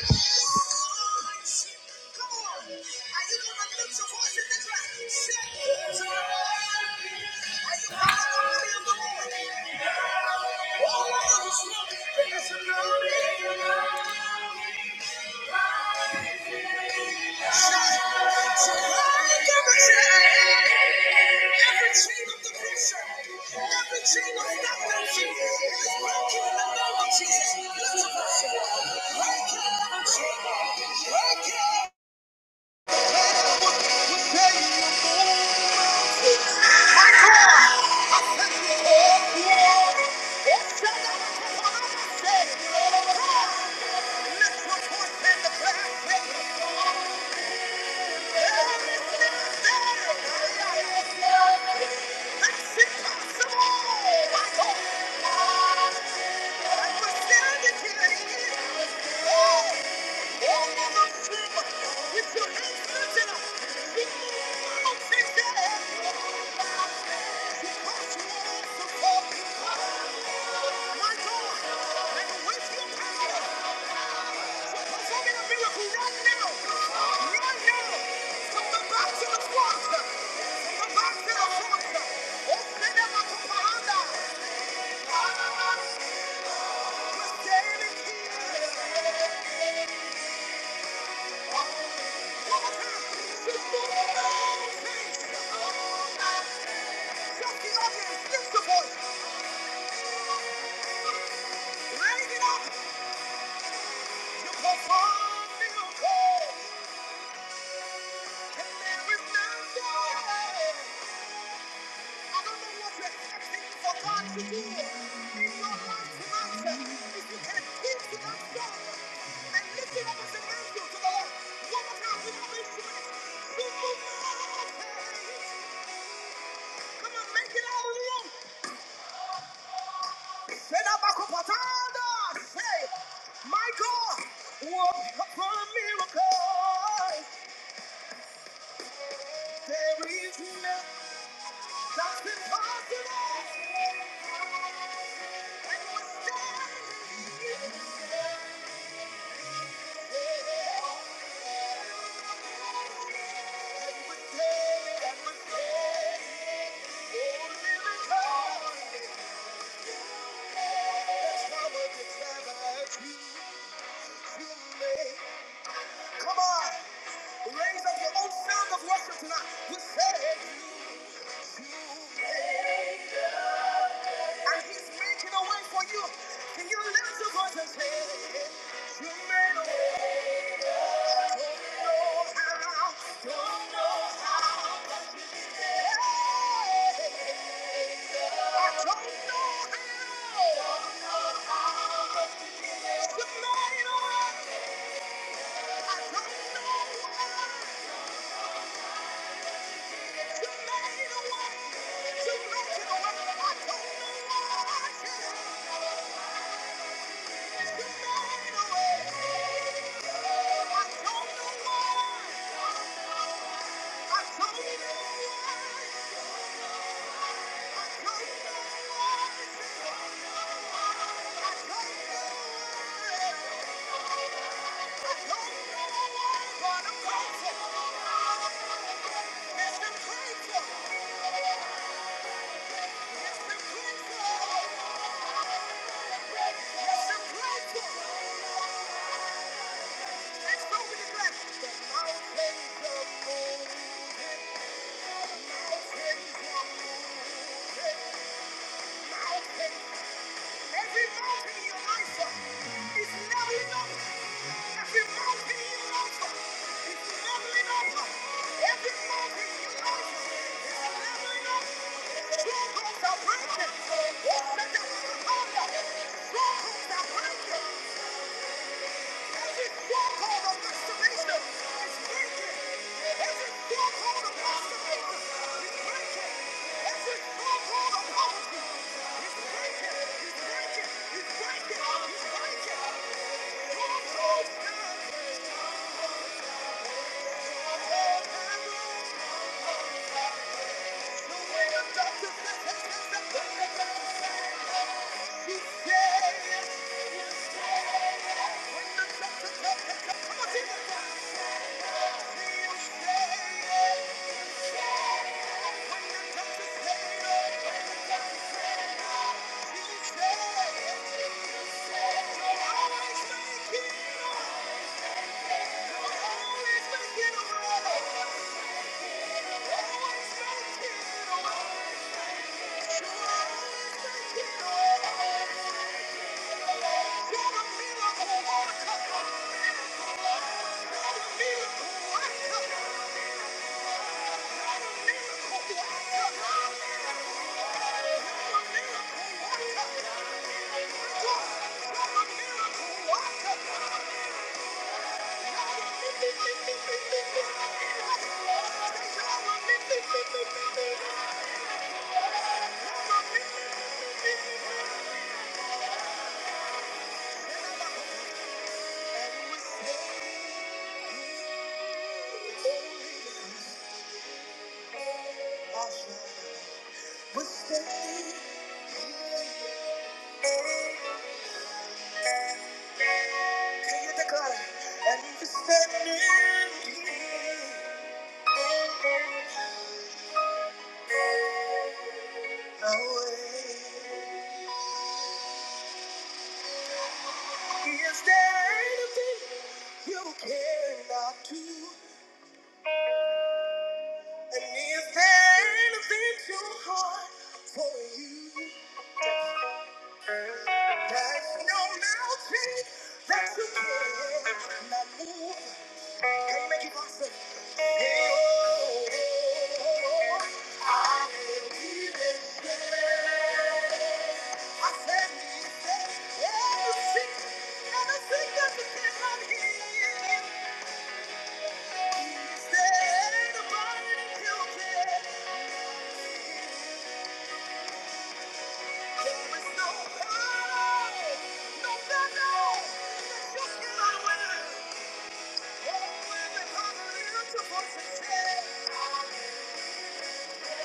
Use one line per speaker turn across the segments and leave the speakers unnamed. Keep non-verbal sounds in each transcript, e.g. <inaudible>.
Every chain of stagnancy is broken in the name of Jesus. Let's worship. Break it, break it. With your Oh! Lift the voice, raise it up, you perform miracles. And there is nothing. I don't know what you're for God to do in your life tonight. If you can keep to that song and lift it up as a to the Lord. Come on, make it out of the room. Say that back up, Patanda. Say, my God, work miracles. There is nothing that's impossible. Come on, raise up your own sound of worship tonight. You said you, and He's making a way for you. Can you lift your voice and say, "You made a way"? Don't know how, don't know how. I don't know. why. Thank you. Every mountain in your life uh, is leveling up. Every mountain in your life uh, is leveling up. Every mountain in your life uh, is leveling up. Strongholds are breaking. Strongholds are breaking it on Yeah. Thank you. Thank you. There's no mountain that you cannot move. Can you make it possible? Hey, oh, oh, oh, oh, I will be there. I said, "Be there." Everything, everything that you cannot heal, He's there to bind and heal them. There is no power, no battle that you cannot win. Oh, when the power is to force Thank you.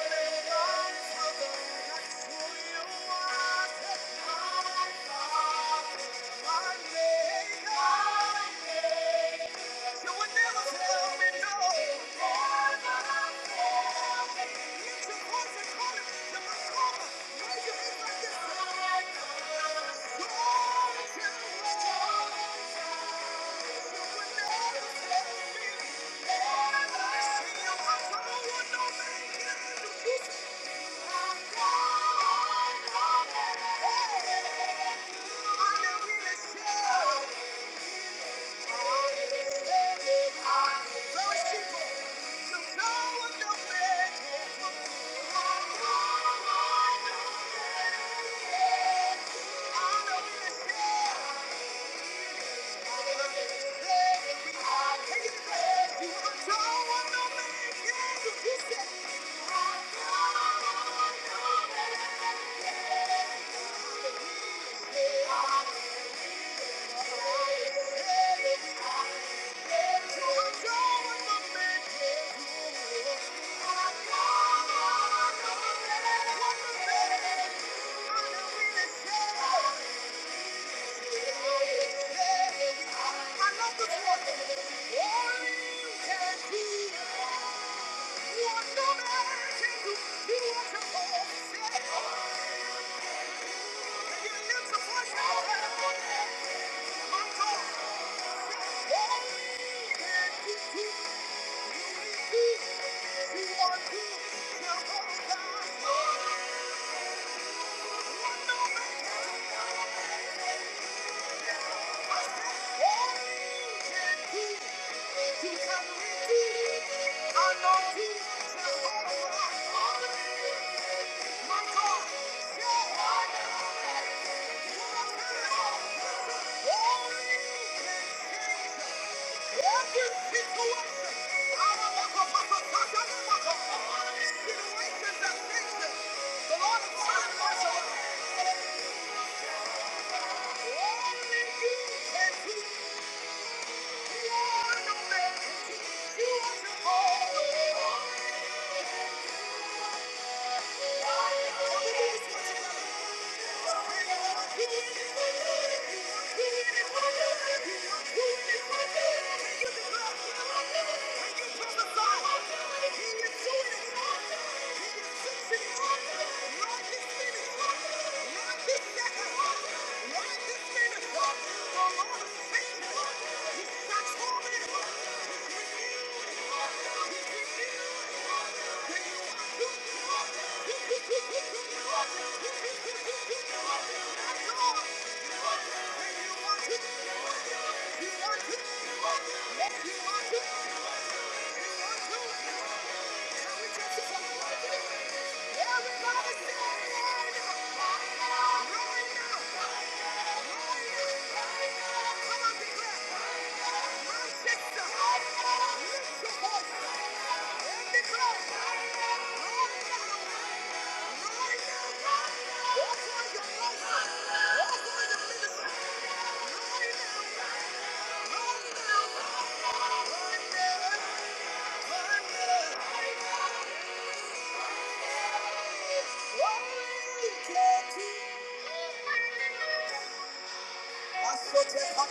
Thank you. Yeah. Thank you. are The Lord is my shepherd. and Only you can do Thank you. If you. want want want want to, to, to, to. if if if you you you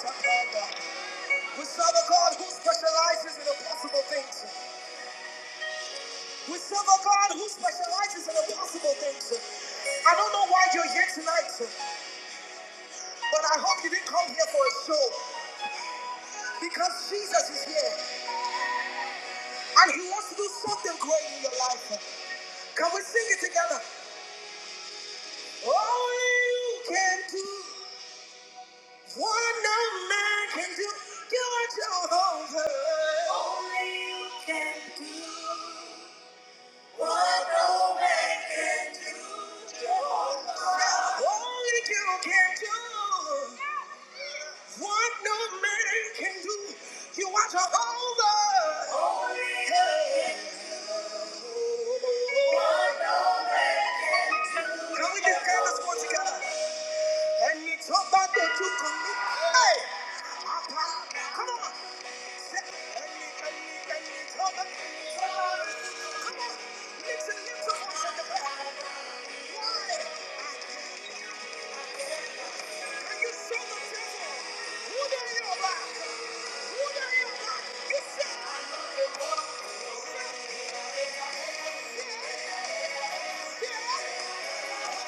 Thank you. We serve a God who specializes in impossible things. We serve a God who specializes in impossible things. I don't know why you're here tonight, but I hope you didn't come here for a show because Jesus is here and he wants to do something great in your life. Can we sing it together? Oh, you can do what no man can do. You are Jehovah. Oh, you can do. What no man can do, you watch are over. Hey, can we just stand this one together? And it's all about that you commit. Hey, come on. Come on. Lift your lips up one second. Why? Can you show the devil who they are? you? Who they are? You say, yeah, yeah. Come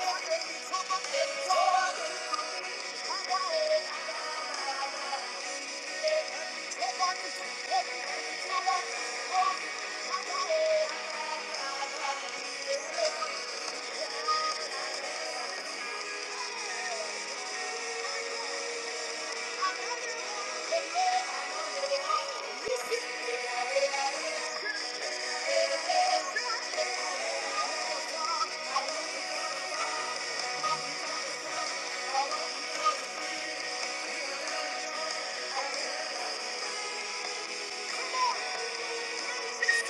on! Let me see you raise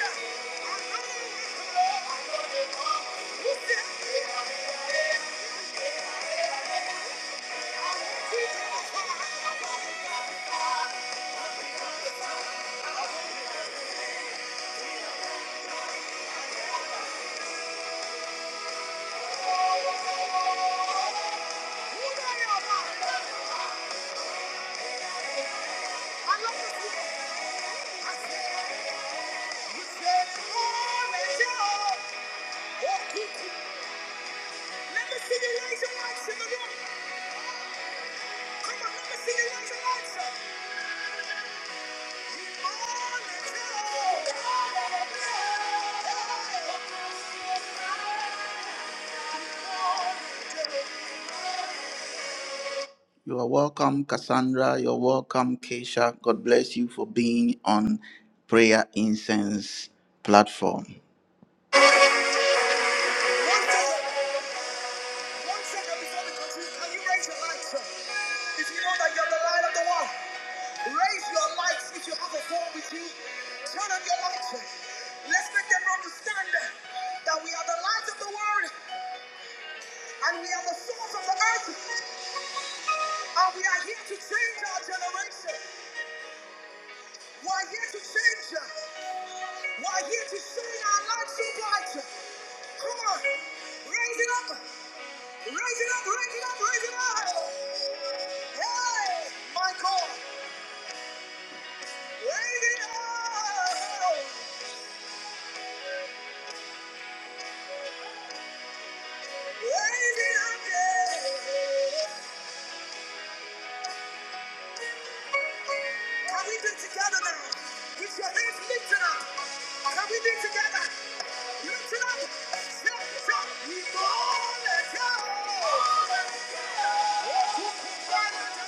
lights in the room. Come on, let me see you raise lights. Oh, let's go. You are welcome, Cassandra. You're welcome, Keisha. God bless you for being on Prayer Incense platform. One second before we continue, can you raise your lights up? If you know that you're the light of the world, raise your lights if you have a phone with you. Turn on your lights. Let's make them understand that we are the light of the world and we are the salt of the earth and we are here to change our generation. We are here to change. Why here to sing our lives to God? Come on, raise it up, raise it up, raise it up, raise it up. Hey, Michael, raise it up, raise it up. yeah. Can we do it together now? With your hands lifted up, can we do it together? Lift it up, lift it up. We want to go.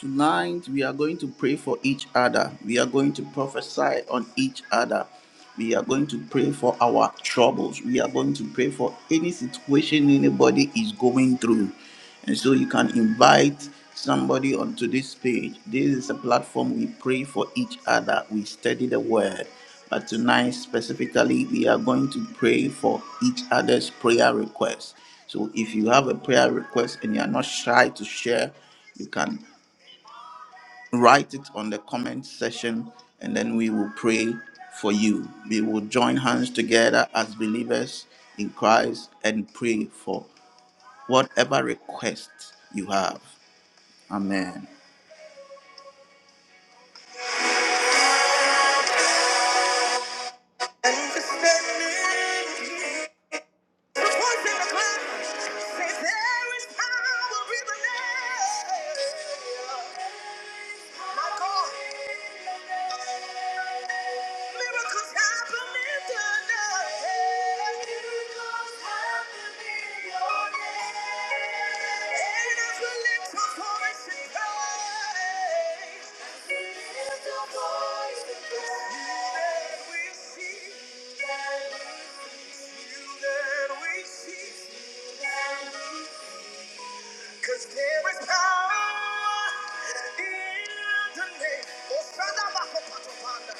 Tonight, we are going to pray for each other. We are going to prophesy on each other. We are going to pray for our troubles. We are going to pray for any situation anybody is going through. And so you can invite somebody onto this page. This is a platform we pray for each other. We study the word. But tonight, specifically, we are going to pray for each other's prayer requests. So if you have a prayer request and you are not shy to share, you can write it on the comment section and then we will pray for you. We will join hands together as believers in Christ and pray for whatever request you have. Amen. Miracles happening tonight. Miracles happening tonight. And as we lift our voice in praise, as we lift our voice in praise, we see that you that we see that we. Cause there is power in the name. Oh, Father, my God, Father.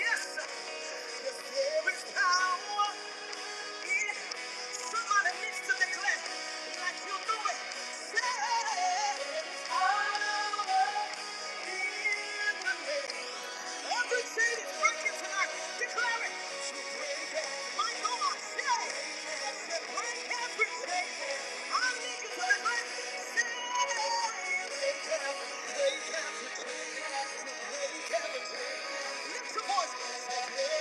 Yes, there is power. Somebody needs to declare like you know it. Say, "Power in the name." Every tonight. Declare it. My God, say, break every chain. I need you to declare. Say, break every chain. Break every chain. Lift your voice.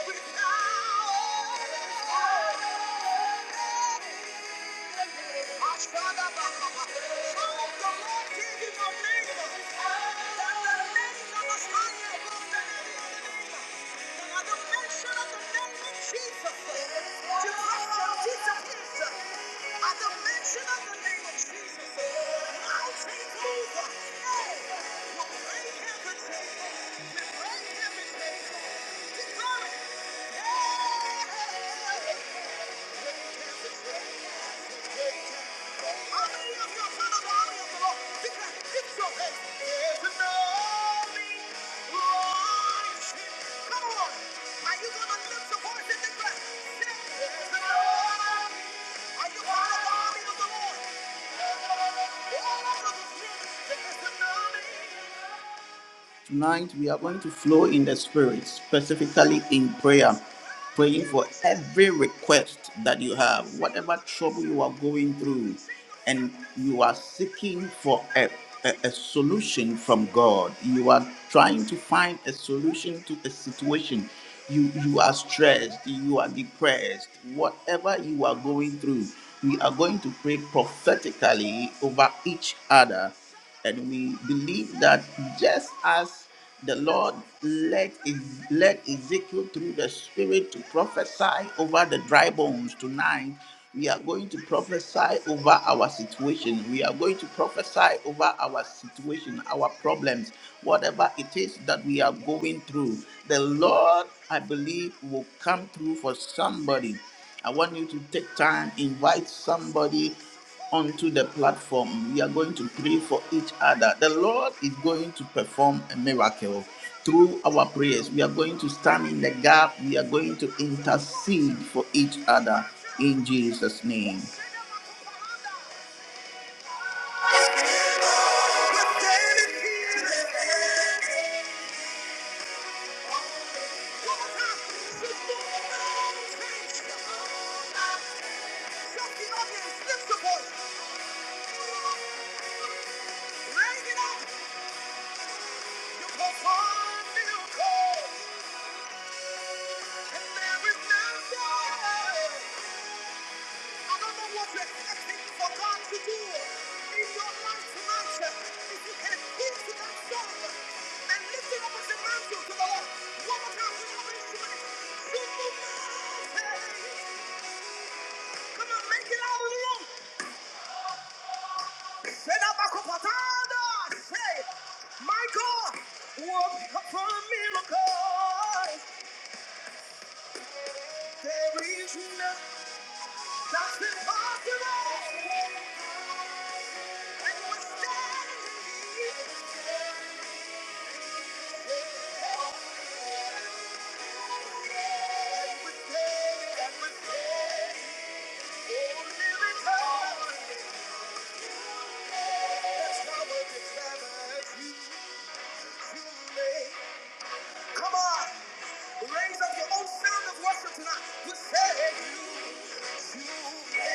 With power. Ashwada Baba. Oh, the Lord gave you a name. That the name that was higher above the name. By the mention of the name of Jesus, demons shall disappear. At the mention of the name of Jesus, mountains move. Hey, we break everything. We break everything. Declare it. Hey, we break everything. How many you the glory of the Lord? Come on. Are you gonna lift your voice and declare? Say, There's an army. Are you part of the army of the Lord? All over the army. Tonight, we are going to flow in the Spirit, specifically in prayer, praying for every request that you have, whatever trouble you are going through, and you are seeking for a, a, a solution from God. You are trying to find a solution to a situation. You, you are stressed, you are depressed, whatever you are going through, we are going to pray prophetically over each other and we believe that just as the Lord led, Ez- led Ezekiel through the Spirit to prophesy over the dry bones tonight, we are going to prophesy over our situation. We are going to prophesy over our situation, our problems, whatever it is that we are going through. The Lord, I believe, will come through for somebody. I want you to take time, invite somebody onto the platform. We are going to pray for each other. The Lord is going to perform a miracle through our prayers. We are going to stand in the gap. We are going to intercede for each other in Jesus' name. I don't know what you're expecting for God to do in your life tonight. If you can keep to that song and lift it up as a mantle to the Lord, one more time with our instrument. You move mountains. Come on, make it out alone. Say that back up, Father. Say, my God, work for miracles. There is nothing that's impossible. Only because Come on, raise up your own sound of worship tonight. You say you, you,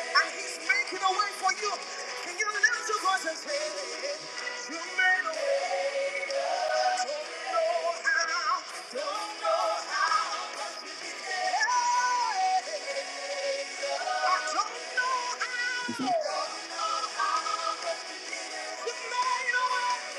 and He's making a way for you. Can you lift your voice and say, You made a way? Don't know how, don't know how, yeah. I don't know how, don't know how. but You made a way,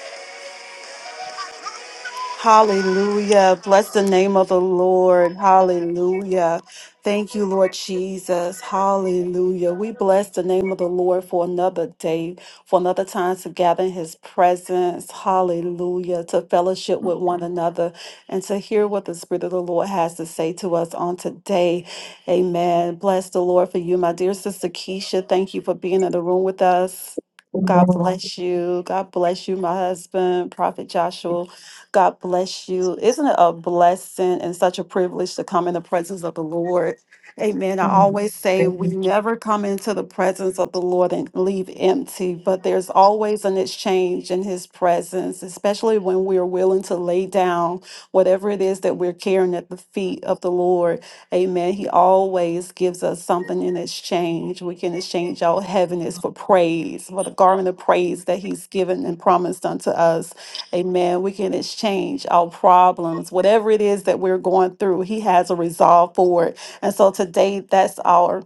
I don't know how.
Hallelujah. Bless the name of the Lord. Hallelujah. Thank you, Lord Jesus. Hallelujah. We bless the name of the Lord for another day, for another time to gather in his presence. Hallelujah. To fellowship with one another and to hear what the Spirit of the Lord has to say to us on today. Amen. Bless the Lord for you, my dear sister Keisha. Thank you for being in the room with us. God
Amen.
bless you. God bless you, my husband, Prophet Joshua. God bless you. Isn't it a blessing and such a privilege to come in the presence of the Lord? Amen. I
Amen.
always say we never come into the presence of the Lord and leave empty, but there's always an exchange in His presence, especially when we're willing to lay down whatever it is that we're carrying at the feet of the Lord. Amen. He always gives us something in exchange. We can exchange our heaviness for praise, for the garment of praise that He's given and promised unto us. Amen. We can exchange our problems, whatever it is that we're going through. He has a resolve for it. And so today, that's our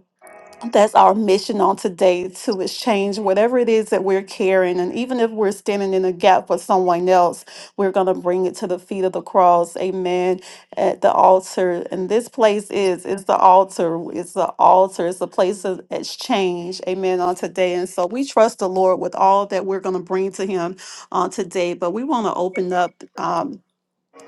that's our mission on today to exchange whatever it is that we're carrying. And even if we're standing in a gap for someone else, we're going to bring it to the feet of the cross. Amen. At the altar. And this place is, it's the altar. It's the altar. It's a place of exchange. Amen. On today. And so we trust the Lord with all that we're going to bring to him on today. But we want to open up. um,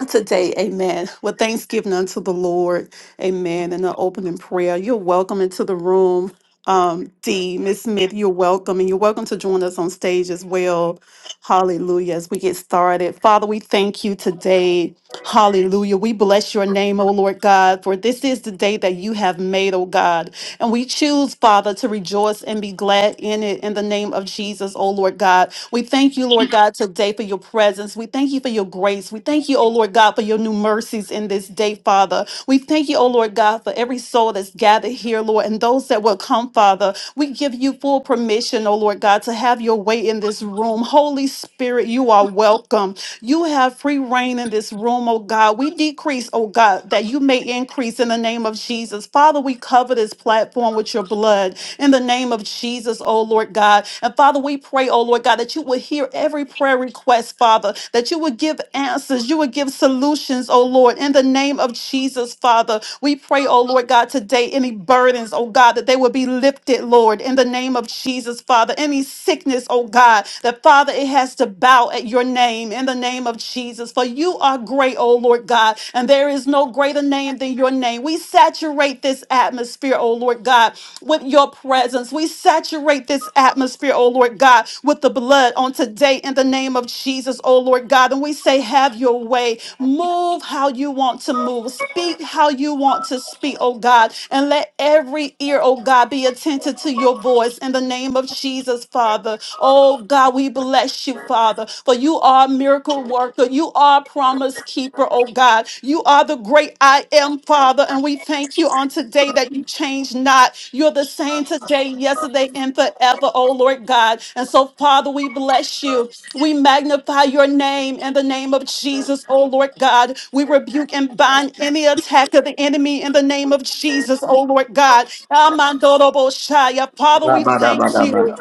today, amen, with thanksgiving unto the Lord, amen, and an opening prayer. You're welcome into the room. Um, D, Miss Smith, you're welcome, and you're welcome to join us on stage as well. Hallelujah. As we get started, Father, we thank you today. Hallelujah. We bless your name, O Lord God, for this is the day that you have made, O God. And we choose, Father, to rejoice and be glad in it in the name of Jesus, O Lord God. We thank you, Lord God, today for your presence. We thank you for your grace. We thank you, O Lord God, for your new mercies in this day, Father. We thank you, O Lord God, for every soul that's gathered here, Lord, and those that will come, Father. We give you full permission permission, oh Lord God, to have your way in this room. Holy Spirit, you are welcome. You have free reign in this room, oh God. We decrease, oh God, that you may increase in the name of Jesus. Father, we cover this platform with your blood in the name of Jesus, oh Lord God. And Father, we pray, oh Lord God, that you would hear every prayer request, Father, that you would give answers, you would give solutions, oh Lord, in the name of Jesus, Father. We pray, oh Lord God, today any burden burdens, oh God, that they would be lifted, Lord, in the name of Jesus, Father. Any sickness, oh God, that Father, it has to bow at your name in the name of Jesus. For you are great, oh Lord God, and there is no greater name than your name. We saturate this atmosphere, oh Lord God, with your presence. We saturate this atmosphere, oh Lord God, with the blood on today in the name of Jesus, oh Lord God. And we say, have your way. Move how you want to move. Speak how you want to speak, oh God, and let every ear, oh God, be attentive to your voice in the name of Jesus, Father. Oh God, we bless you, Father, for you are a miracle worker. You are a promise keeper, oh God. You are the great I am, Father, and we thank you on today that you change not. You're the same today, yesterday, and forever, oh Lord God. And so, Father, we bless you. We magnify your name in the name of Jesus. Jesus, oh Lord God. We rebuke and bind any attack of the enemy in the name of Jesus, oh Lord God. Amandoroboshaya. Father, we
Rabada,
thank
bada, bada.
you.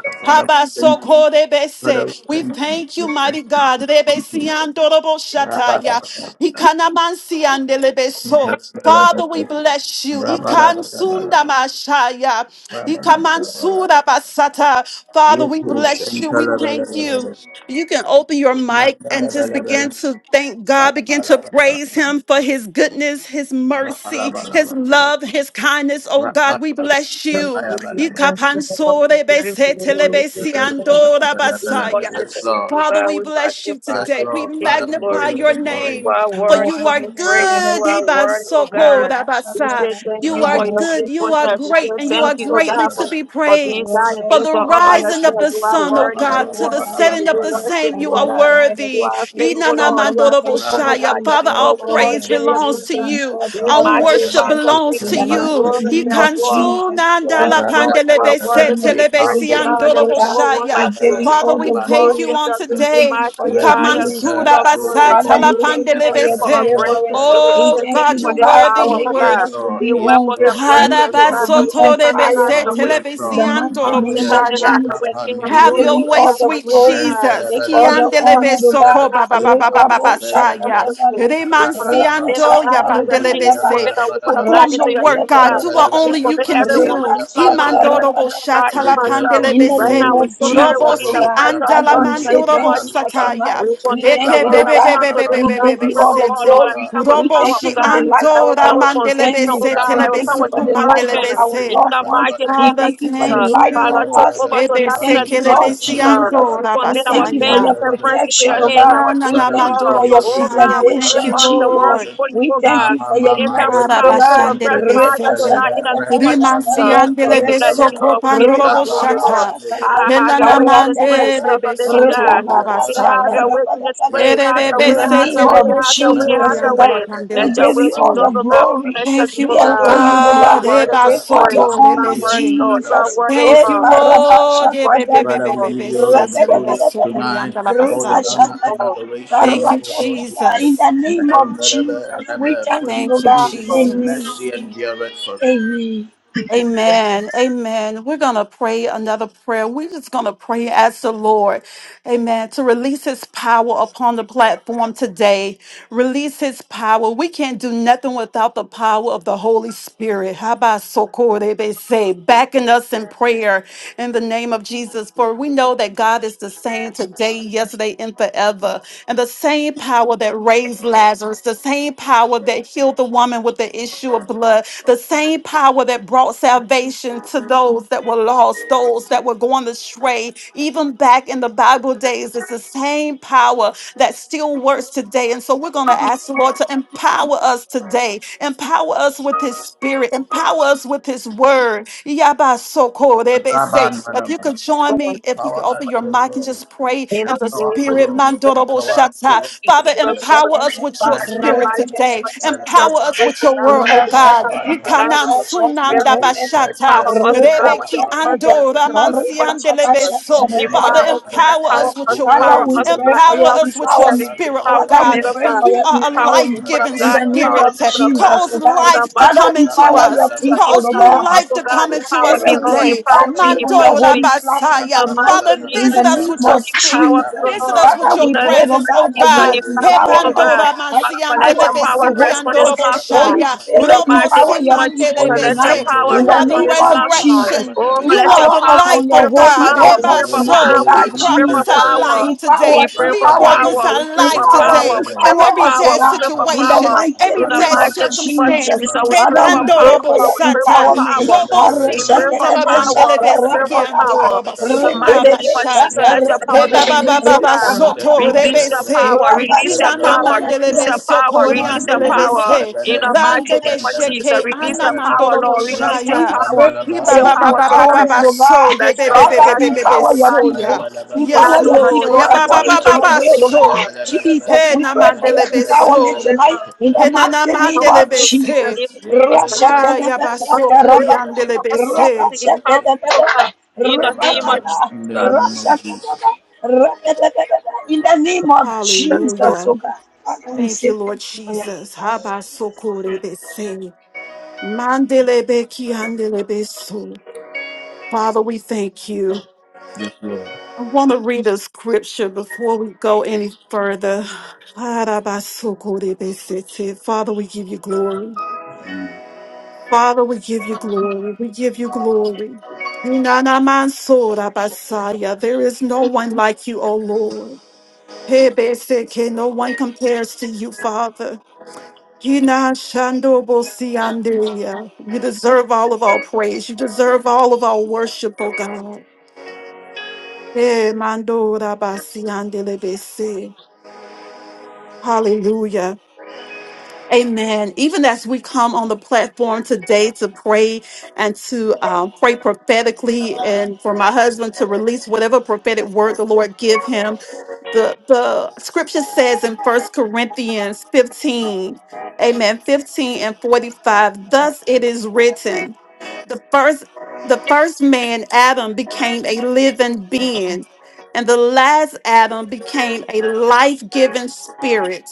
Father, we thank you. Father, we
Habasokorebese. We
thank you.
thank you,
We
mighty
thank
God.
you. Rabada, bada,
Rebesiandoroboshataya. Ikanamansiandelebeso.
bada.
Father, we
thank you.
bless you.
Rabada, bada, bada, bada.
Ikansundamashaya.
Rabada, bada, bada, bada.
Ikamansudabasata. Father, we
Yetu
bless you. We
shantala, bada,
thank
bada,
you.
bada.
You can open your mic
Rabada,
and just
bada, bada.
begin to thank God,
Bada, bada, bada,
begin to praise
bada.
Him for His goodness, His
Rabada, bada, bada, bada. Rabada,
mercy, His love, His kindness. Oh God,
bada,
we bless
Bless
you.
bada,
you,
bada. bada.
bless you, Lord. We give you glory.
Yes,
We
bada,
give
bada,
you
bada, bada,
We
bada.
worship
Yes,
the
Lord.
evil
Father,
God.
we
We
bless you
magnify
Yes,
today.
the
We
Lord.
King
Father,
of
we give
glory.
magnify
you all
your
the
And
You
glory.
name,
are
for
worthy
so,
you
Yes,
to
are
be
Lord. Bada,
praised. You are
good.
bada, bada,
worthy,
bada.
O God. We say thank
You
you
Rabba
are
for your
good, you are
faithfulness. We say
great, and you
thank
are
you, O
Rabba
greatly
God,
to
for,
Rabba
be
for being God
praised.
and
For
being
the
God all by
rising of
yourself.
the
You are
sun, O
worthy. We
God, to the
worship you.
setting
We
of the
worship
same,
you,
you
oh
are
God. You
worthy.
are faithful, Lord.
Father,
You
we
are
thank
faithful,
you, Lord
O
God.
Inanamandoroboshaya.
God.
We
Yes,
Father,
give you
our
Lord. We
all the
praise
worship the
praise. We
name
belongs
of
to
give
God.
you
you.
all the
We
Our worship
magnify
adoration
the
belongs
in
to
King
the
of
you.
mighty
glory.
name
Yes,
of
Lord.
Jesus. We
Yes,
thank you
Lord.
for
You
your
are worthy to
kindness.
be
We
praised, oh
thank
God.
you,
There
Lord
is
God.
no one
We
like
Ikansunandalapandelebeshetelebeseandoroboshaya.
give
you.
you
Father,
all
we
the
We
thank you
worship
glory.
on
and we
We
give you
thank
today.
you for your
magnify and we
healings, oh
give you
God.
glory.
Father, we
We say
thank you for
thank you
your
for our
Kamansurabasatalapandelebese.
brand new
deliverance.
day. We
Rabba
We
Oh
say thank
thank
you
God,
you,
for
you're
Lord
this
God,
Yes,
worthy,
for
hour, oh
Lord.
you're
making
Yes,
God.
us
worthy.
to
Lord.
We
be
Yes,
welcome
hungry
the
Lord.
for
Yes,
you,
presence of
to
Lord.
God and
be
we say
on
Harabasoto de
come in
fire
bese
us
Harabasotorebese
for
and
Lord,
we
you.
yes,
In the
Lord.
mighty
Step
Mande
name
out
of
and
o
telebesiandoroboshaya.
hide your way
Jesus,
Papa
in
we
Have
glory.
give
your
you
We
Nidibriata.
way,
all
hide
the
your
sweet
will, we
glory.
hide.
Jesus.
Take
So
all
Rentelebelebe,
the
we punch
Kiandelebe
honor, Lord
this
God.
Yetelebelebe,
soko ba
hard
ba ba ba ba ba
Ipalus
ba
Rekabo
Bebelebe,
saya.
with
shakadabada.
We commit the
Rebe
Randalaba,
man of
Remansiando
God
ya
shata
Papa
into your
bandelebe
hands. We
Nidibriata
se.
rekadabada.
commit the woman of
Labalaba,
God
Perform
into
your
your hands,
work,
oh
God.
God.
Rashakadabada.
Do what
Yetelebelebe,
We
only you
commit
Papa
can
everyone on
Reba
do.
this
Nidibriata
platform
shata
into your
yabalaba.
Himandorobo
hands, oh
rabadaba.
God,
You
even
shatala
deserve
myself.
all
In
the
pandelebe
the
Right
se.
name
now, we
glory.
of
soak
You
Robo
everyone
Jesus,
deserve
in
oh
the
si
all
God.
the
precious
honor.
andala
Father,
blood
we
in the
Mandi,
say
name
mandorobo
of
thank you
Mahalu,
for
Jesus.
tonight.
Shente,
sataya.
We
We
commit your
thank
Eke
you, oh
word.
Rababa,
I
bebe
will
God.
come
bebe
to the
bebe
Kalaba,
oh
We
bebe
God.
give
We
bebe
you
pray,
Kapandi,
all
oh
the
God,
sete.
Lord, I
Bidiyapa,
will
glory.
come with
We
Robo
Rupi,
power,
thank you
si
oh
for
God.
the life
I
Kendalaba,
of
will
andora
come
our
with
Kapa,
conviction,
mandelebe
family.
oh
se
God.
We
I
Rabba,
will
telebe
thank
come
you
with
for
suku
Kalaba,
the life of
mandelebe
encouragement.
Kapandi,
our
se.
In
Bidiya,
the
loved ones.
Kalaba,
mighty
We
Laba,
name
Father,
of
thank you for
Jesus.
the
thank
Shente,
life for
Father, I
Laba,
you.
just
Laba,
us.
over
Laba,
to
We
not in the
thank
Kapandi,
you,
name of
Bidiya,
Lord
Kalaba,
Jesus.
Jesus.
Laba,
We
Ebesekelebesiandora
We
commit our
thank you
Shente,
for
Laba,
your
basaya.
families and
Laba,
friends into
protection,
your
oh
Ayaba,
hands,
God.
our
Laba.
We
children,
Father, we
thank you
Lord.
give
for
Ananamandoro
you
your
all the
Oh God,
boshaya.
glory,
we
Thank
lift
preservation,
honor,
you,
and
up the word
Jesus.
Lord.
adoration.
before you,
We
oh
thank
God.
you
Mama
for
The
your
mama
entire
mi
with
mercy, Lord
power, fill
God.
our
kusente
breath, Father,
Riba
to
Arabashandelebesete.
not
mendelebe
shaka
in the
da
re
name of Jesus.
epani
shaka raka
We
da da
bless
da
kapandelebe
you,
da.
Lord. We give you
Rimansiandelebesokopandoro
the
Raba
glory,
baba
boshata.
Lord.
shaka
nelebe
da
I have
re
your way in
kara
this
da da
place.
ependelebe
da.
Fill up the living
kapandili
Enanamandelebesotoro
God.
diya
See, have
shaka
basaya.
your
karabarebe
ra
way
ba
in
da
this place.
Yente
Have your
In
way,
re
the
have your
name
way,
of
have your way,
Erebesetelebesotoro
epeduşmente
have
Jesus, O
your
God,
re
way.
epa
Let
we
your
give
will
you
be
all the
yandalapandelebesoro.
done,
kapandili
oh God.
diya
We
kar
glory.
bless your
Thank you,
people,
We
O
Raba
God.
adore you,
baba
Lord
You
baba
are
God.
God.
worthy to
nelebe
be
Take all the
praised. You
apandili
are
honor,
diya
worthy,
Ebasotorebese.
Lord. You
pandelebe
are
Jesus.
worthy, O
Eh,
Thank
Lord.
you,
kapayabalebe
kara
We
Lord. Eh,
shaka
be- be-
da
worship you,
be-
da
Father,
be-
da.
we
Lord.
be-
give
be-
you all
Ra
se-
the
Yes,
te-
da da
le- be-
Lord.
glory
so- kuri-
tonight,
anda- la-
all the
basaya.
honor and
Ribashakata,
Lord,
Thank
adoration,
you,
O Lord
karakatata.
Jesus.
In
Jesus.
the name
Mehem
of
Rabba,
Jesus, we
Rabba, for
thank
you
you,
Thank
are
Lord
you,
God.
good and your
Lord.
Amen.
Jesus.
mercy endureth forever.
Amen.
Yes,
Amen. We're going to pray another prayer. We're just going to pray as the Lord. Amen. To release his power upon the platform today. Release his power. We can't do nothing without the power of the Holy Spirit. Habasokorebese. Backing us in prayer in the name of Jesus. For we know that God is the same today, yesterday, and forever. And the same power that raised Lazarus, the same power that healed the woman with the issue of blood. The same power that brought salvation to those that were lost, those that were going astray, even back in the Bible days, it's the same power that still works today. And so we're going to ask the Lord to empower us today, empower us with His Spirit, empower us with His Word. Yabasoko, they be say.
Rabba,
If
Rabba,
you could join me,
Lord.
if you could
power us,
open your
O
mic and
Lord,
just pray
In
and
in
the
the
name
power O
of
Spirit,
Lord,
Jesus,
Mandorobo
let
empower us,
the
O
Shata.
Lord
Lord,
be
Father,
with your
good of
word.
God.
empower us
Rashakata,
with your
Father, in the
Manda,
Spirit
mighty name
today.
of
rakatatatatata,
Empower
Jesus,
Rabba,
Empower us
we
with
pray
your
that
word,
Lord,
oh
we
Rabba,
can
God.
come
Rabba,
to God
Ikanan
with
rashakatatatata,
Rabba,
the Holy
sunanda
Spirit.
Yiku,
rakata,
bashata.
Rabba,
Empower us to God with
Rabba,
the
Rebeki
words
riboshakata,
of
Rabba,
ando
the
ramansi
Rabba,
Lord Jesus.
karikatabashata,
andelebeso. Father,
Empower
Yanta
us,
empower
rakatatatatata.
rapa
us
empower
with
us,
your
kupani
Father,
empower
word.
we
us, oh
pray
libriya
God,
for
pa
Empower
your
empower
us with your
rapa
society,
empowerment.
spirit,
banta
oh
empower
Father,
rapa
we
God.
men of
pray
For
God,
for
you
your
are a
rapa
empower
rapa
the
empowerment.
people
nala
of
life-giving
in
rapa
God,
the name
empower
rapa
the
of
spirit.
people of
rapa
God.
Jesus,
Cause
oh God.
In the
life to
Father,
mighty
come
name
into
of
rapa
empower your
us.
nala
Jesus,
people,
Cause
oh
rapa rapa nala rapa
new
empower
God.
us,
life
oh
to
God,
come
Holy
into
empower
us
Spirit,
me,
we
rapa
Lord,
today.
nala
empower
invite
me,
you
rapa
on
empower
your
Mando
me
holy platform
the
rabasaya.
rapa nala
tonight
mighty
Father,
rapa
name
in
of
the
visit
rapa
us
name
with
Jesus,
your
of
empower
spirit.
me, O
Jesus.
Visit
Lord.
us with
Father,
In
your
we
the
pray,
name
oh
presence,
of
oh
God, that you
Jesus,
will
God.
empower me,
empower
O
us
God.
Hebandora
by
Father,
the
let
power
your
mansiandelebe
of the
power rest
Holy
on this
Ghost.
sikiandorobo
platform.
Holy
shaya.
In the
Spirit,
Robo
mighty
empower
name
your
of Jesus,
people
simandelebe
let your
tonight
se.
power
You
in the
are
rest on
the
name
this
of
rapa
platform.
Jesus.
resurrection.
Oh,
nala
You
let
rapa
are
your
Empower
the
us
power, we
life,
on your
pray
oh
for
holy
God.
power,
Father,
we
we
altar
pray
give
for
you the
tonight, oh
Hebaso.
glory.
power,
God,
We
we
Ma-
pray
da-
for
prophesy
da-
Jesus.
da- da-
power.
da.
life
Empower,
We
today.
pray
We
for
empower me
power,
prophesy
we
Rapandele-
pray for
life
Empower,
power,
today
we
Evangelele.
pray
in
empower
for
every
us,
power,
oh
dead
we
God,
pray for
in the
situation,
power.
Rapandele-
mighty
In
every
the
name
dead
of
mighty name of
Jesus.
circumstance.
Jesus, we pray
Father,
for
we
Rebando
pray for
robo
power,
rapandele.
your
we pray for
sata,
Yes,
empowerment.
there,
power.
there,
robo
there,
si
Para-
We
there, there.
pray for
andela
shakadada,
Rapandele,
power,
mandele
we pray
rapandele,
besiki
for
shakarababa,
ando
power.
roba
In the
sunda
mighty
rapandele.
name
rikididi,
of
Yes, there,
bashaya.
let your
there, there,
power
shakarababa,
Heba
there,
be
ba ba
released,
ba
oh
ba
there.
God.
rikababa,
Send,
soto
there,
Release your
there, there.
rebese.
power,
raba,
release
Yes,
your
Inana
Lord.
power,
Yes,
mandele
release
shakadada,
your
Lord.
beso
power,
kori
release your
andele
Mandibus
power.
bese.
In
Pegadas,
the
Rande
mighty name of
Neptendela,
Jesus,
besheke
release your
Pandela,
power,
anamandoro
Lord, release
Rapa
your
We
boshaya.
power,
pray
Ye
Panalaba,
for
release
ba
your
your
ba ba
power
ba ba ba
tonight.
empowerment,
Apanalaba,
ba
oh
so
God.
ye
Let
be be
God, Lord
be be
Father,
cannot
be be
do
be
nothing
Rababandalaba,
empower your
without
so
you.
ya.
people.
Payabalaba,
Cannot
Yes,
Empower
do
your
nothing
Lord. Ye
people
without
ba
you.
ba
Your
according
ba ba
to
power
your
Mentelabalaba,
ba
is in
will, oh
the
so.
God.
blood.
Payabalabalaba,
Jesus,
He
we
na
pray for your
mandele be
empowerment
so.
In
Mentelabalaba,
tonight in the
He na
Pendela,
na
mighty name
mandele
of
be
Pendela,
the
Jesus.
se. Ha ya ba so kori andele be se.
name of
in the name
Jesus.
of Jesus,
In the name of
That's
Jesus,
Hallelujah.
oh God. Father, we
Thank
say
you, Lord
thank you for your
Jesus. Ha
empowerment.
ba so kori be se. Mandele be ki andele be so. Father, we thank you.
yes, Lord.
I want to read a scripture before we go any further. Father, we give you glory. Father, we give you glory. We give you glory. There is no one like you, O Lord. Hebeseke, No one compares to you, Father. Hinashandobosiandeya. You deserve all of our praise. You deserve all of our worship, O God. Eh, mando rabasi bese. Hallelujah. Amen. Even as we come on the platform today to pray and to um, pray prophetically and for my husband to release whatever prophetic word the Lord give him the the scripture says in first corinthians 15 amen 15 and 45 thus it is written the first the first man adam became a living being and the last adam became a life-giving spirit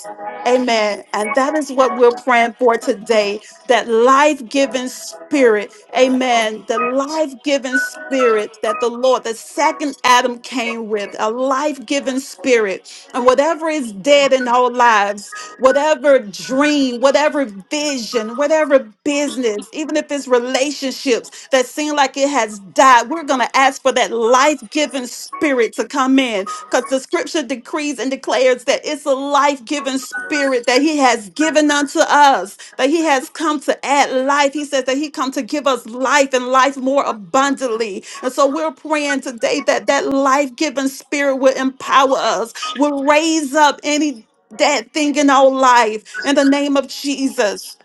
amen and that is what we're praying for today that life giving spirit. Amen. The life giving spirit that the Lord, the second Adam came with, a life giving spirit. And whatever is dead in our lives, whatever dream, whatever vision, whatever business, even if it's relationships that seem like it has died, we're going to ask for that life giving spirit to come in because the scripture decrees and declares that it's a life giving spirit that He has given unto us, that He has come to add life. He says that He come to give us life and life more abundantly. And so we're praying today that that life giving spirit will empower us, will raise up any that thing in our life in the name of Jesus.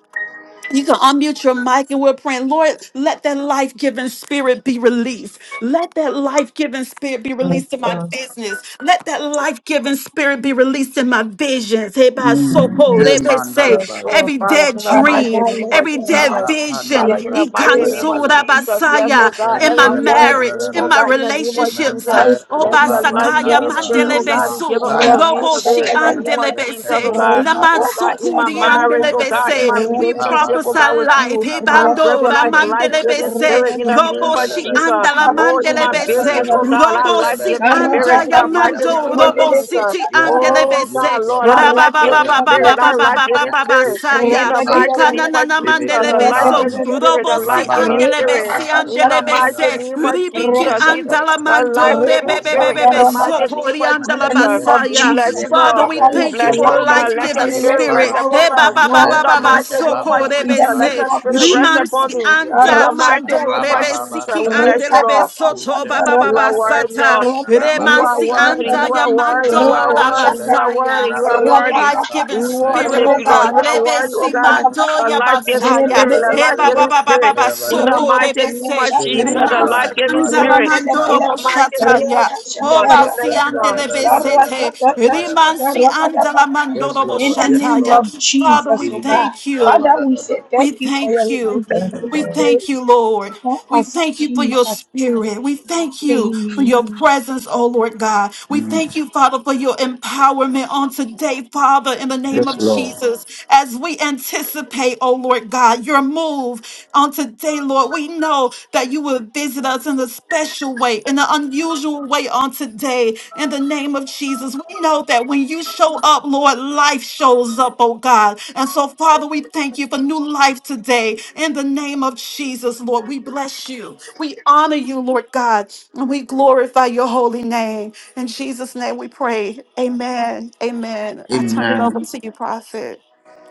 You can unmute your mic and we're praying, Lord, let that life giving spirit be released. Let that life giving spirit be released in my
all.
business. Let that life giving spirit be released in my visions. Hey, by so
Mm.
cold. They
Eh,
Yes,
they say
mandala bala
oh
bala.
every
Father,
dead
in the
bala.
Father
mighty
dream,
God,
name
let
of
every
your
dead
life
Rapa
Jesus.
vision,
Father,
pandala
in
giving
bala.
the mighty
Papaya
spirit
name of
bala
Ikansura
bala.
be
Jesus. Yes,
released
basaya,
oh God,
upon
in my
every
my
Rentala
life,
bala
dead
bala
marriage,
dream, oh
in
bala.
my
God, in
upon
the
my
name of
children's
relationships.
Jesus.
Mente
life,
Obasakaya
Let
in
your
the
ruba
life
name
basakaya
of
giving
bandalaba
spirit,
mandele
oh
Jesus.
God,
ima
be
besu,
given unto
saya
me
robo
today
shi
in the
reku
name
andele
of
Rabashakadadadada,
Jesus, oh
bese,
sepenus
God.
laman
Oh God,
medelebe
in my
sukuri
marriage,
andele
oh
rabababashakaradada,
God,
mendelebe
in
bese.
my
We
ipa
relationship, oh
prophesy
God, with
bandalaba
rabadadadadadada,
life.
you. I
rababa
pray
Hebando
for
bandora
life,
rabadadadadada,
life
mandele
giving
yentelebelebe
bese
spirit in
rabadadadada,
the name
robo
of
si
rebelebe
Jesus.
anda la
Oh, in
mandele
my
bese,
business,
yetelebelebe
oh
rabababashakadadadada.
God, I
robo
life
rebebe
In
si
giving
the
spirit
anda
in
ya
the
upandibiya
mighty
mando,
name of
robo
palabalaba
Jesus.
si ti
Yes,
andele
Oh
Lord. Yes,
bese,
God, Lord,
Lord.
our life giving
Father, breathe
spirit, our life
on
giving
us,
rabababababababababababa
spirit.
breathe
In
into
saya,
the
us
mighty
the
ikana
name
na
of
na
Jesus,
spirit
mandele
a
and
life
beso,
giving
life.
spirit, a
robo
life
si
giving
Rababan
andele
spirit.
besi
talabra
In the
andele
kapaya
mighty
bese,
balaba
name of
ribiki
Nye
Jesus, in
nte
anda la
the
ree
life
mando,
giving
kuba
spirit, in
mi
rebebebebe
the mighty name
mahalusi
sokori
of
anda
nte
la
Jesus.
name of
We
basaya,
bless
ye
you,
Jesus,
Father,
Lord.
we
televe
Father,
We
thank
let
you
your
bless
for
you,
life
suba
a
oh
mi
life
God.
giving
Let your
giving
mahalusi
spirit
spirit
kwa
rest
spirit.
empower
upon
Eh, ba,
us,
us.
ba, ba,
nte
Lord.
In
ba,
the
ba, ba,
ree
mighty name
Empower
of
baba
soko,
us in
cha
Jesus,
rebe,
the
let
kandi
name
se.
your
of
spirit
libria cha
rest
kandi
upon
Rimansi,
Jesus.
me.
libria cha
In
anda,
the mighty
mando,
ree
name of
rebe,
baba
Jesus,
siki,
we
cha na
bless
ande,
you,
rebe,
Lord.
soto, ba,
kushenda
ba, ba,
You
teleba
are
ba,
teleba
worthy,
In
sata.
Lord.
the
ree
You
baba
are
Remansi,
teleba
worthy.
anda,
You
teleba
ya,
are worthy. You
teleba
are
mando,
ree
ra, ba,
worthy. You are worthy.
saya.
You are
baba
Your
worthy.
life
teleba
We
giving
teleba
spirit,
worship
oh
you, Lord.
God.
You
teleba
are
Rebe,
worthy, oh
si,
God.
mando,
A
ya, ba,
life-giving
saya.
spirit, a
Eh, ba, ba,
life-giving
ba, ba, ba,
spirit.
ba,
ree baba
In the
teleba
soko,
mighty
rebe,
name
se.
of
Spirit
Jesus, a
and
Rimansi,
life,
life-giving
anda, la,
Mother,
spirit.
mando,
Uta
In
robo,
the
Badu
mighty name of
Center,
ya.
Jesus, we
Obasi
bless
Makapan,
you, Lord.
andele
Rabalabala,
besete, rimansi
Payabalaba.
andala
Yes,
mandorobo
Lord, yes,
name
shataya.
Lord.
of
Father,
Jesus,
we
oh
Mandi
God.
Ghost,
thank you.
Father, we say
Rabalaba.
We
thank you for your
thank
life,
you.
Thank you,
Holy
We
Lord.
thank
Spirit.
you, Lord.
Help
We
us,
thank you for your
Jesus.
spirit. We thank you for
Amen.
your presence, oh Lord God. We thank
Mm.
you, Father, for your empowerment on today, Father, in the name
Yes,
of
Lord.
Jesus, as we anticipate, oh Lord God, your move on today, Lord. We know that that you would visit us in a special way, in an unusual way on today. In the name of Jesus, we know that when you show up, Lord, life shows up, oh God. And so, Father, we thank you for new life today. In the name of Jesus, Lord, we bless you. We honor you, Lord God, and we glorify your holy name. In Jesus' name we pray. Amen. Amen. I turn it
Amen.
over to you, Prophet.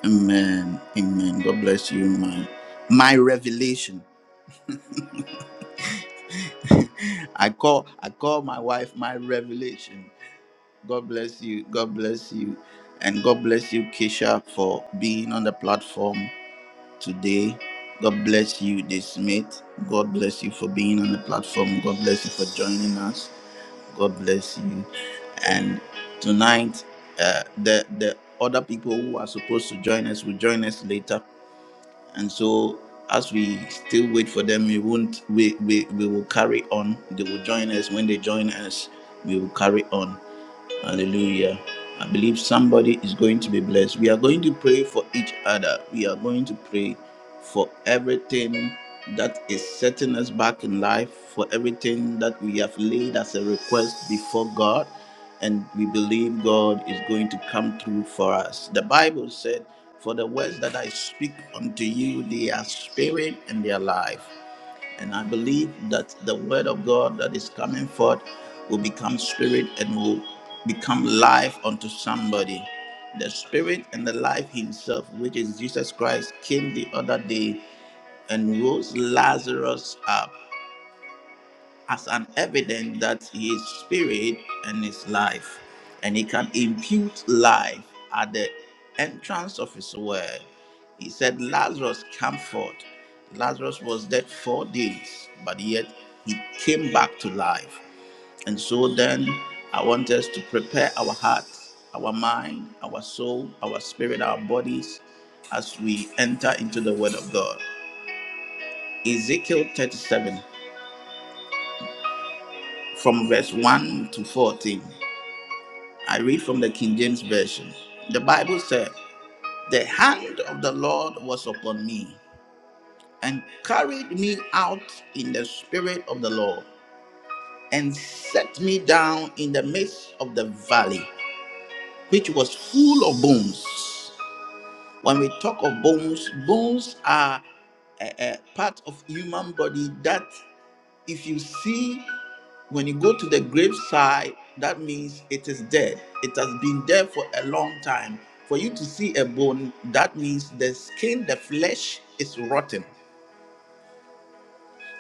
Amen. Amen. God bless you, my my revelation. <laughs> I call I call my wife my revelation. God bless you. God bless you. And God bless you, Keisha, for being on the platform. today. God bless you, this mate. God bless you for being on the platform. God bless you for joining us. God bless you. And tonight, uh, the the other people who are supposed to join us will join us later. And so, as we still wait for them, we won't. We we, we will carry on. They will join us when they join us. We will carry on. Hallelujah. I believe somebody is going to be blessed. We are going to pray for each other. We are going to pray for everything that is setting us back in life, for everything that we have laid as a request before God. And we believe God is going to come through for us. The Bible said, For the words that I speak unto you, they are spirit and they are life. And I believe that the word of God that is coming forth will become spirit and will become life unto somebody. The spirit and the life himself, which is Jesus Christ, came the other day and rose Lazarus up as an evidence that he is spirit and is life, and he can impute life at the entrance of his word. He said, Lazarus, come forth. Lazarus was dead four days, but yet he came back to life. And so then, I want us to prepare our hearts, our mind, our soul, our spirit, our bodies as we enter into the word of God. Ezekiel 37, from verse 1 to 14. I read from the King James Version. The Bible said, The hand of the Lord was upon me and carried me out in the spirit of the Lord and set me down in the midst of the valley, which was full of bones. When we talk of bones, bones are a, a part of human body that If you see when you go to the graveside, that means it is dead. It has been there for a long time. For you to see a bone, that means the skin, the flesh is rotten.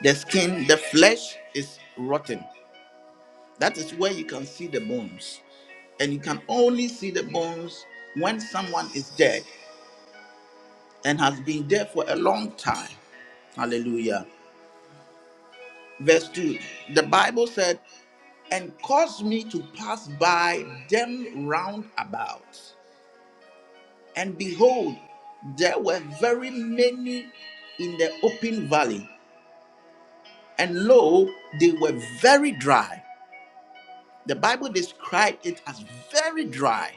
The skin, the flesh is rotten. That is where you can see the bones. And you can only see the bones when someone is dead and has been there for a long time. Hallelujah. Verse 2 The Bible said, and caused me to pass by them round about. And behold, there were very many in the open valley, and lo, they were very dry. The Bible described it as very dry.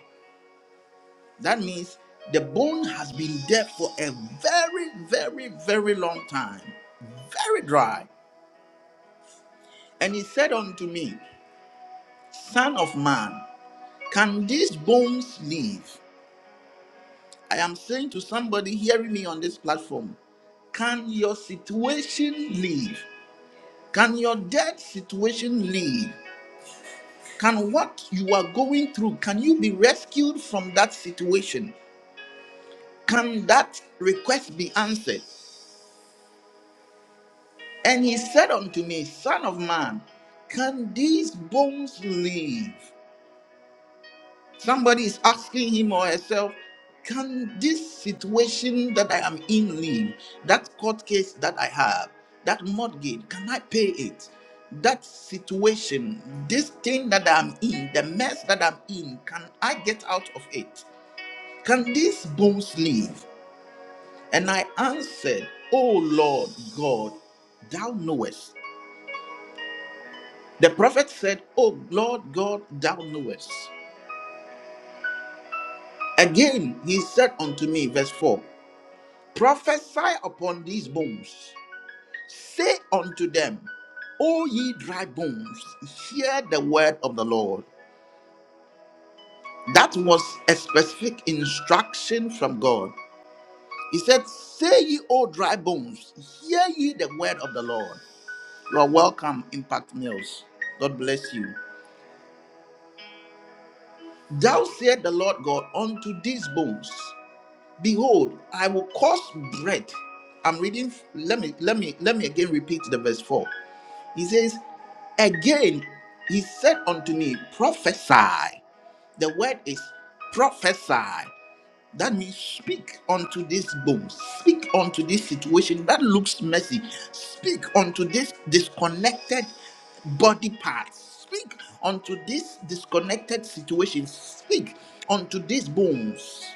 That means the bone has been dead for a very, very, very long time, very dry. And he said unto me, Son of man, Can these bones live? I am saying to somebody hearing me on this platform, can your situation live? Can your death situation live? Can what you are going through, can you be rescued from that situation? Can that request be answered? And he said unto me, Son of man, can these bones live? Somebody is asking him or herself, can this situation that I am in leave, that court case that I have, that mortgage, can I pay it? That situation, this thing that I'm in, the mess that I'm in, can I get out of it? Can these bones live? And I answered, Oh Lord God, thou knowest. The prophet said, Oh Lord God, thou knowest. Again, he said unto me, verse 4 prophesy upon these bones. Say unto them, O ye dry bones, hear the word of the Lord. That was a specific instruction from God. He said, Say ye, O dry bones, hear ye the word of the Lord. You are welcome, Impact Mills. God bless you. Thou said the Lord God unto these bones, Behold, I will cause bread. I'm reading. Let me let me let me again repeat the verse four. He says, Again, he said unto me, Prophesy. The word is prophesy. That means speak unto this bone, speak unto this situation that looks messy, speak unto this disconnected body part, speak unto this disconnected situation, speak unto this bones.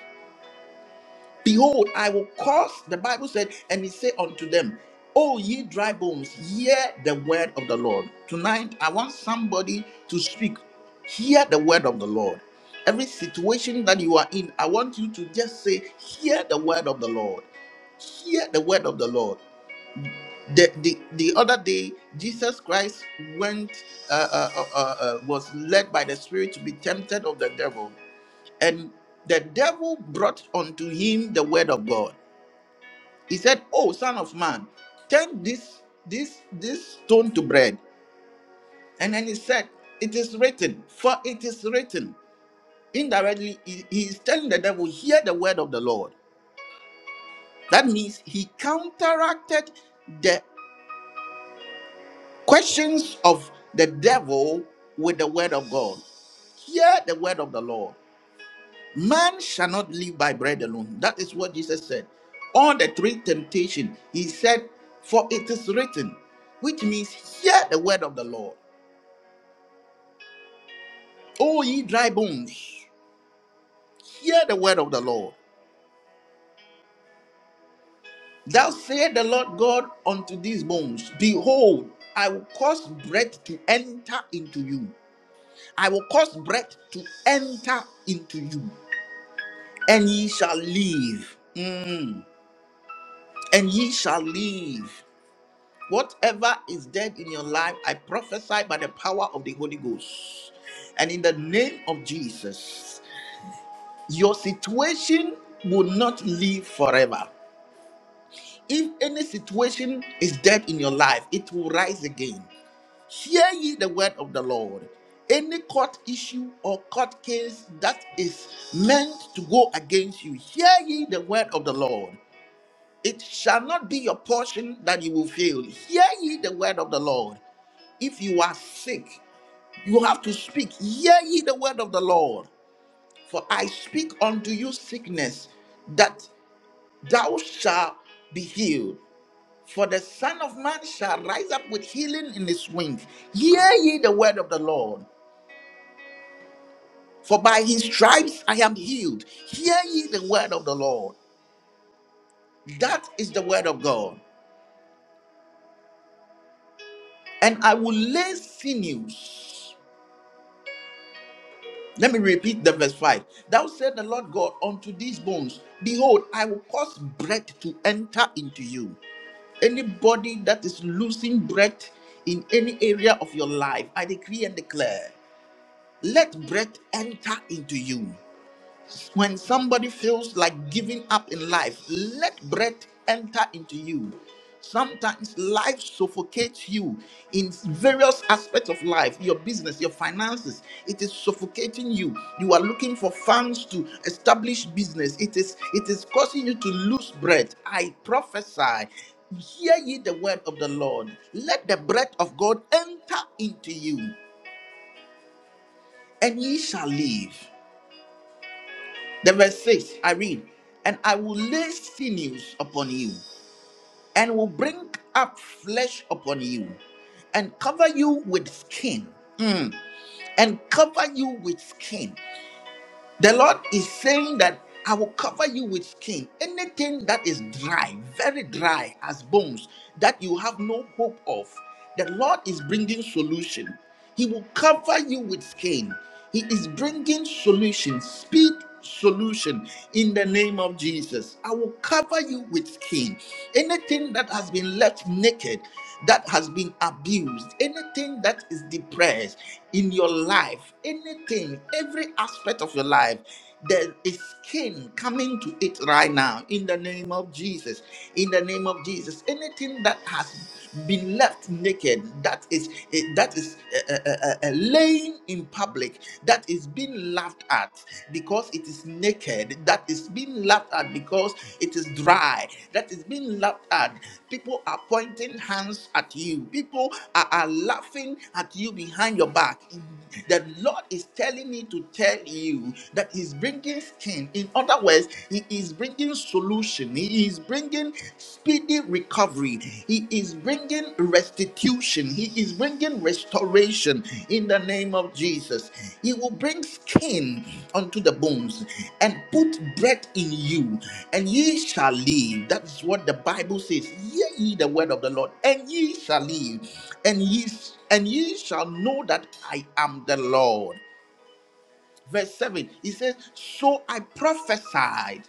Behold, I will cause, the Bible said, and he said unto them, O ye dry bones, hear the word of the Lord. Tonight, I want somebody to speak. Hear the word of the Lord. Every situation that you are in, I want you to just say, Hear the word of the Lord. Hear the word of the Lord. The, the, the other day, Jesus Christ went, uh, uh, uh, uh, uh, was led by the Spirit to be tempted of the devil. And the devil brought unto him the word of God. He said, Oh, son of man, turn this this this stone to bread. And then he said, It is written, for it is written. Indirectly, he he is telling the devil, hear the word of the Lord. That means he counteracted the questions of the devil with the word of God. Hear the word of the Lord. Man shall not live by bread alone. That is what Jesus said. On the three temptation, he said, For it is written, which means, Hear the word of the Lord. O ye dry bones, hear the word of the Lord. Thou said the Lord God unto these bones, Behold, I will cause breath to enter into you. I will cause breath to enter into you, and ye shall live. Mm. And ye shall live. Whatever is dead in your life, I prophesy by the power of the Holy Ghost. And in the name of Jesus, your situation will not live forever. If any situation is dead in your life, it will rise again. Hear ye the word of the Lord. Any court issue or court case that is meant to go against you, hear ye the word of the Lord. It shall not be your portion that you will fail. Hear ye the word of the Lord. If you are sick, you have to speak. Hear ye the word of the Lord. For I speak unto you sickness, that thou shalt be healed. For the Son of Man shall rise up with healing in his wings. Hear ye the word of the Lord. For by his stripes I am healed. Hear ye the word of the Lord. That is the word of God. And I will lay sinews. Let me repeat the verse 5. Thou said the Lord God unto these bones, Behold, I will cause breath to enter into you. Anybody that is losing breath in any area of your life, I decree and declare, let breath enter into you. When somebody feels like giving up in life, let breath enter into you. Sometimes life suffocates you in various aspects of life, your business, your finances. It is suffocating you. You are looking for funds to establish business. It is it is causing you to lose breath. I prophesy. Hear ye the word of the Lord. Let the breath of God enter into you, and ye shall live. The verse 6, I read, And I will lay sinews upon you, and will bring up flesh upon you, and cover you with skin, Mm. and cover you with skin. The Lord is saying that I will cover you with skin. Anything that is dry, very dry as bones, that you have no hope of, the Lord is bringing solution. He will cover you with skin. He is bringing solution, speed solution in the name of Jesus. I will cover you with skin. Anything that has been left naked, that has been abused, anything that is depressed in your life, anything, every aspect of your life, there is skin coming to it right now in the name of Jesus. In the name of Jesus, anything that has been left naked, that is eh, that is uh, uh, uh, uh, laying in public, that is being laughed at because it is naked, that is being laughed at because it is dry, that is being laughed at. People are pointing hands at you, people are, are laughing at you behind your back. The Lord is telling me to tell you that He's bringing skin. In other words, He is bringing solution he is bringing speedy recovery. He is bringing restitution. He is bringing restoration in the name of Jesus. He will bring skin unto the bones and put breath in you, and ye shall live. That is what the Bible says. Hear ye the word of the Lord, and ye shall live, and ye and ye shall know that I am the Lord. Verse 7, he says, So I prophesied.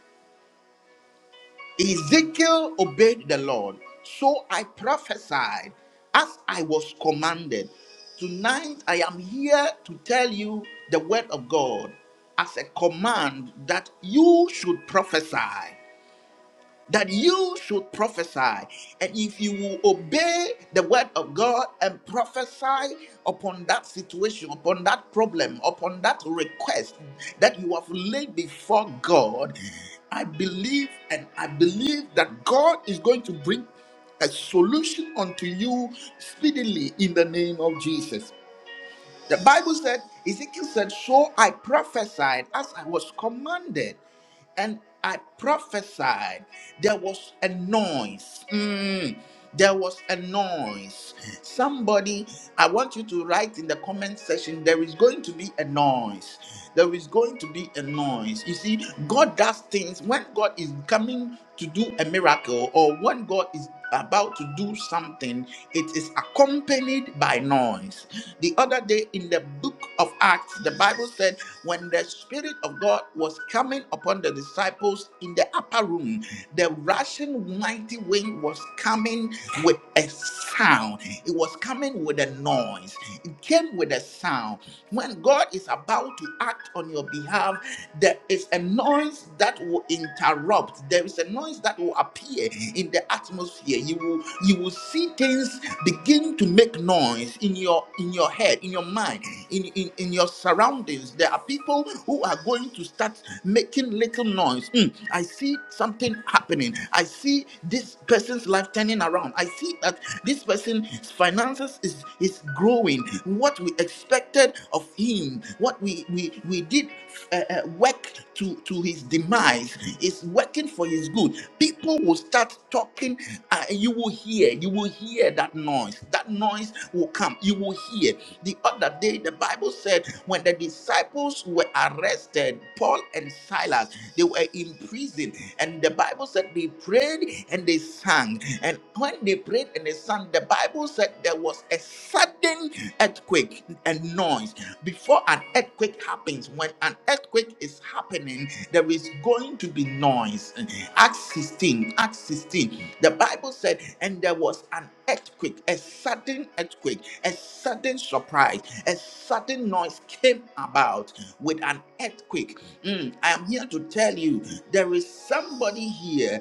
Ezekiel obeyed the Lord, so I prophesied as I was commanded. Tonight I am here to tell you the word of God as a command that you should prophesy that you should prophesy. And if you will obey the word of God and prophesy upon that situation, upon that problem, upon that request that you have laid before God, I believe and I believe that God is going to bring a solution unto you speedily in the name of Jesus. The Bible said, Ezekiel said, So I prophesied as I was commanded, and I prophesied. There was a noise. Mm, there was a noise. Somebody, I want you to write in the comment section, there is going to be a noise. There is going to be a noise. You see, God does things when God is coming to do a miracle or when God is about to do something, it is accompanied by noise. The other day in the book of Acts, the Bible said, when the Spirit of God was coming upon the disciples in the upper room, the rushing mighty wind was coming with a sound. It was coming with a noise. It came with a sound. When God is about to act on your behalf, there is a noise that will interrupt. There is a noise that will appear in the atmosphere atmosphere you will you will see things begin to make noise in your in your head in your mind in in, in your surroundings there are people who are going to start making little noise "Hmm, i see something happening i see this person's life turning around i see that this person's finances is is growing what we expected of him what we we we did uh, uh, work to to his demise is working for his good people will start talking something uh, you will hear you will hear that noise that noise will come you will hear the other day the bible said when the disciples were arrested paul and silas they were in prison and the bible said they prayed and they sang and when they prayed and they sang the bible said there was a sudden earthquake and noise before an earthquake happens when an earthquake is happening there is going to be noise acts 16 acts 16 the Bible said, and there was an earthquake, a sudden earthquake, a sudden surprise, a sudden noise came about with an earthquake. Mm, I am here to tell you there is somebody here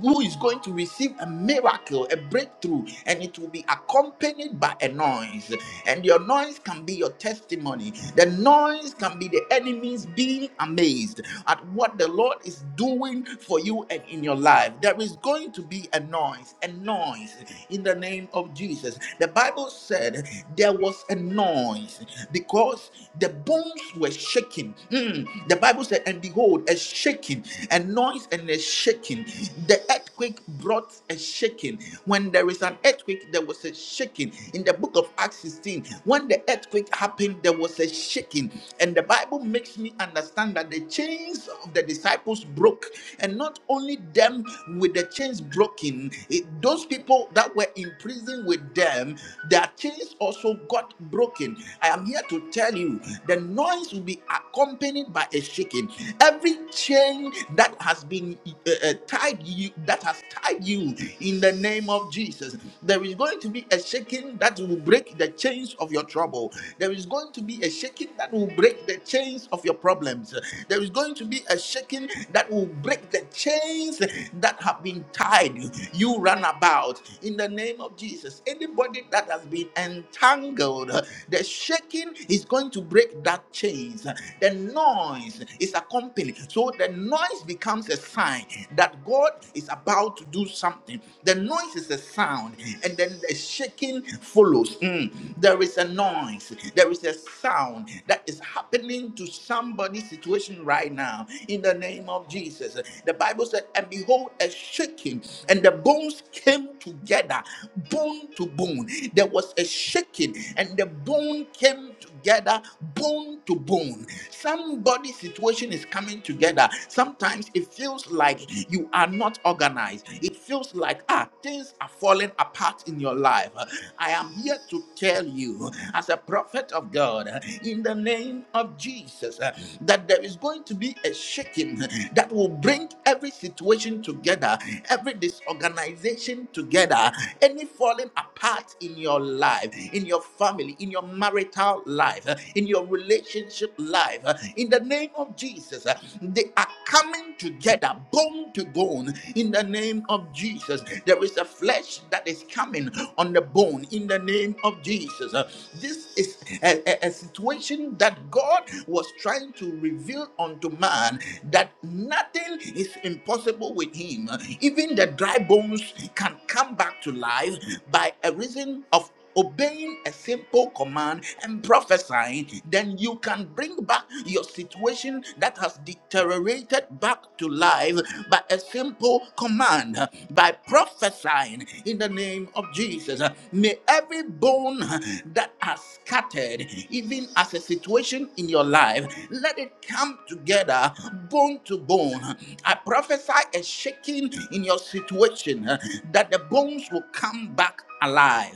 who is going to receive a miracle, a breakthrough, and it will be accompanied by a noise. And your noise can be your testimony, the noise can be the enemies being amazed at what the Lord is doing for you and in your life. There is going to to be a noise, a noise in the name of Jesus. The Bible said there was a noise because the bones were shaking. Mm. The Bible said, and behold, a shaking, a noise and a shaking. The earthquake brought a shaking. When there is an earthquake, there was a shaking. In the book of Acts 16, when the earthquake happened, there was a shaking. And the Bible makes me understand that the chains of the disciples broke, and not only them with the chains chains broken. It- those people that were in prison with them, their chains also got broken. I am here to tell you the noise will be accompanied by a shaking. Every chain that has been uh, uh, tied you, that has tied you in the name of Jesus, there is going to be a shaking that will break the chains of your trouble. There is going to be a shaking that will break the chains of your problems. There is going to be a shaking that will break the chains that have been untied, you run about in the name of Jesus. Anybody that has been entangled, the shaking is going to break that chains. The noise is accompanied. So the noise becomes a sign that God is about to do something. The noise is a sound, and then the shaking follows. Mm. There is a noise, there is a sound that is happening to somebody's situation right now in the name of Jesus. The Bible said, And behold, a shaking, and the bones came together, bone to bone. There was a shaking, and the bone came together, bone to bone. Somebody's situation is coming together. Sometimes it feels like you are not organized. It feels like ah, things are falling apart in your life. I am here to tell you, as a prophet of God, in the name of Jesus, that there is going to be a shaking that will bring every situation together together, every disorganization together, any falling apart in your life, in your family, in your marital life, uh, in your relationship life, uh, in the name of Jesus, uh, they are coming together, bone to bone, in the name of Jesus. There is a flesh that is coming on the bone, in the name of Jesus. Uh, This is a, a a situation that God was trying to reveal unto man that nothing is impossible with him him. Even the dry bones can come back to life by a reason of obeying a simple command and prophesying, then you can bring back your situation that has deteriorated back to life by a simple command, by prophesying in the name of Jesus. May every bone that has scattered, even as a situation in your life, let it come together, bone to bone. I prophesy a shaking in your situation, uh, that the bones will come back alive.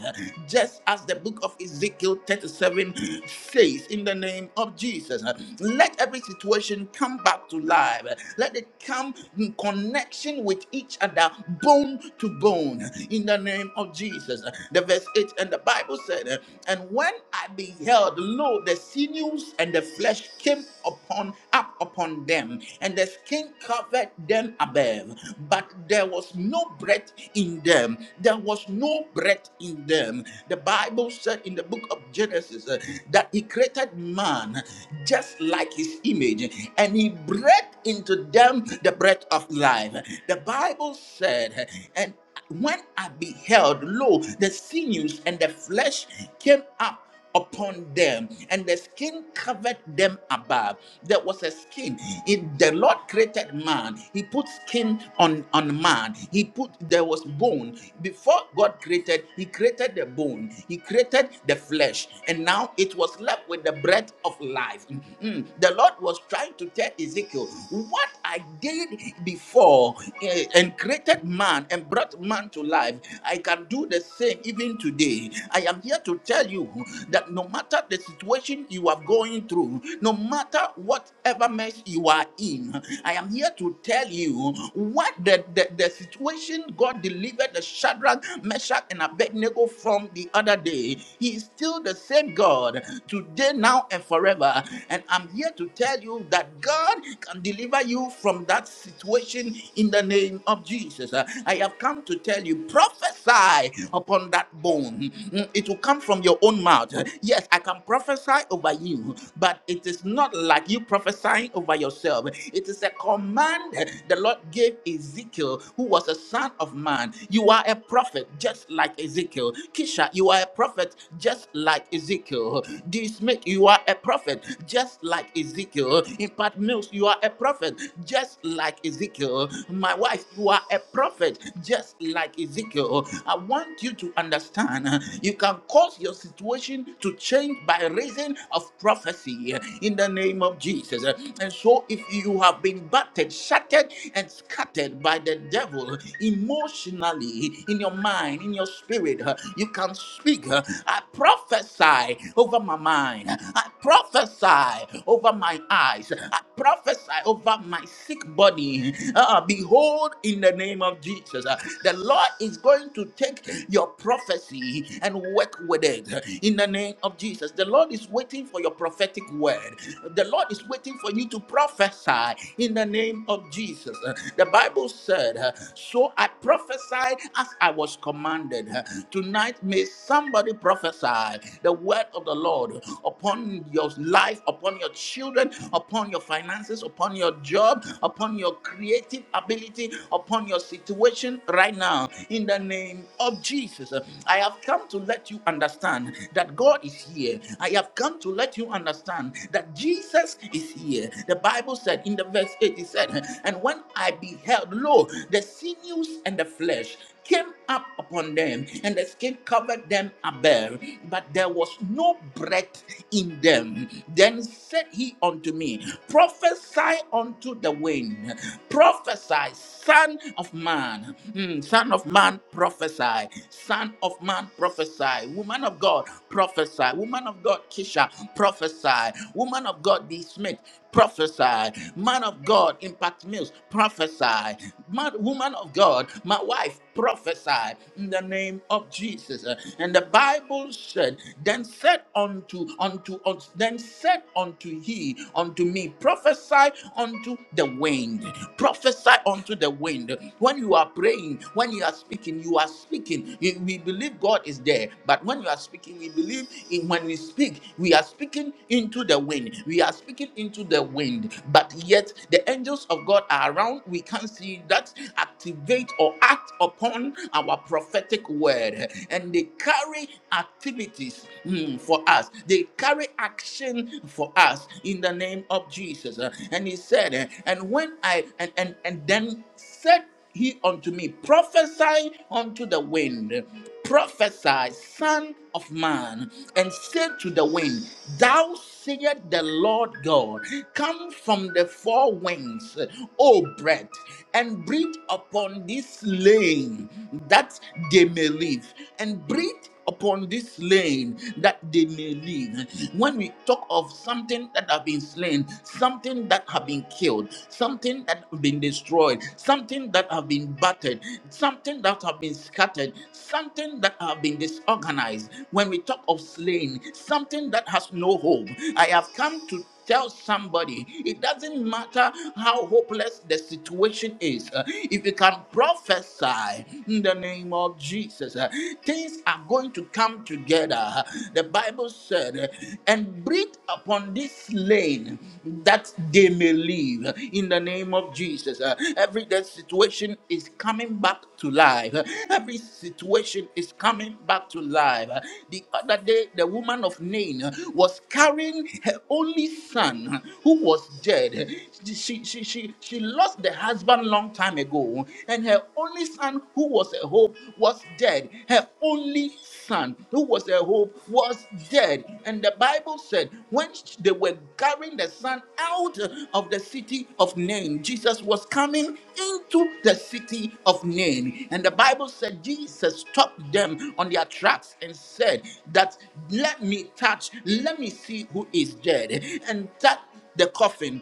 Just as the book of Ezekiel 37 says, in the name of Jesus, uh, let every situation come back to life. Let it come in connection with each other, bone to bone, in the name of Jesus. The verse 8 and the Bible said, uh, And when I beheld, lo, the sinews and the flesh came upon up upon them, and the skin covered them above. But there was no breath in them. There was no breath in them. The Bible said in the book of Genesis uh, that He created man just like His image, and He breathed into them the breath of life. The Bible said, and when I beheld, lo, the sinews and the flesh came up upon them and the skin covered them above there was a skin in the lord created man he put skin on on man he put there was bone before god created he created the bone he created the flesh and now it was left with the breath of life Mm, mm. the lord was trying to tell ezekiel what I did before eh, and created man and brought man to life, I can do the same even today. I am here to tell you that no matter the situation you are going through, no matter whatever mess you are in, I am here to tell you what the, the, the situation God delivered the Shadrach, Meshach, and Abednego from the other day. He is still the same God today, now, and forever. And I'm here to tell you that God. God can deliver you from that situation in the name of Jesus. Uh, I have come to tell you, prophesy upon that bone. Mm, It will come from your own mouth. Yes, I can prophesy over you, but it is not like you prophesying over yourself. It is a command the Lord gave Ezekiel, who was a son of man. You are a prophet just like Ezekiel. Kisha, you are a prophet just like Ezekiel. D. Smith, you are a prophet just like like Ezekiel. In part, Mills, you are a prophet, just like Ezekiel. My wife, you are a prophet, just like Ezekiel. I want you to understand uh, you can cause your situation to change by reason of prophecy uh, in the name of Jesus. Uh, And so, if you have been battered, shattered, and scattered by the devil uh, emotionally, in your mind, in your spirit, uh, you can speak. uh, I prophesy over my mind. I prophesy over my eyes. I prophesy over my sick body. Uh, behold, in the name of Jesus, uh, the Lord is going to take your prophecy and work with it. In the name of Jesus, the Lord is waiting for your prophetic word. The Lord is waiting for you to prophesy in the name of Jesus. Uh, The Bible said, uh, So I prophesied as I was commanded. Uh, Tonight, may somebody prophesy the word word of the Lord upon your life, upon your children, upon your finances, upon your job, upon your creative ability, upon your situation right now. In the name of Jesus, I have come to let you understand that God is here. I have come to let you understand that Jesus is here. The Bible said in the verse 8, it said, And when I beheld, lo, the sinews and the flesh came up upon them, and the skin covered them above, but there was no breath in them. Then said he unto me, Prophesy unto the wind, prophesy, son of man, Mm, son of man, prophesy, son of man, prophesy, woman of God, prophesy, woman of God, Kisha, prophesy, woman of God, D. Smith, prophesy, man of God, Impact Mills, prophesy, man, woman of God. My wife prophesied in the name of Jesus. Uh, And the Bible said, Then said unto unto us, then said unto he unto me, prophesy unto the wind, prophesy unto the wind. When you are praying, when you are speaking, you are speaking. You- We believe God is there, but when you are speaking, we believe in when we speak, we are speaking into the wind. We are speaking into the wind, but yet the angels of God are around. We can't see that activate or act upon our prophetic word and they carry activities mm, for us they carry action for us in the name of jesus Uh, and he said uh, and when i and and, and then said he unto me prophesy unto the wind prophesy son of man and say to the wind thou saith the Lord God, come from the four winds, O breath, and breathe upon this slain that they may live, and breathe upon this slain that they may live. When we talk of something that have been slain, something that have been killed, something that have been destroyed, something that have been battered, something that have been scattered, something that have been disorganized. When we talk of slain, something that has no hope. I have come to tell somebody it doesn't matter how hopeless the situation is uh, if you can prophesy in the name of jesus uh, things are going to come together the bible said uh, and breathe upon this slain, that they may live in the name of jesus uh, every day situation is coming back to life. Every situation is coming back to life. The other day, the woman of Nain was carrying her only son who was dead. She, she, she, she lost the husband long time ago, and her only son who was a hope was dead. Her only son, who was a hope, was dead. And the Bible said, when they were carrying the son out of the city of Nain, Jesus was coming into the city of Nain. And the Bible said, Jesus stopped them on their tracks and said, That let me touch, let me see who is dead. And that the coffin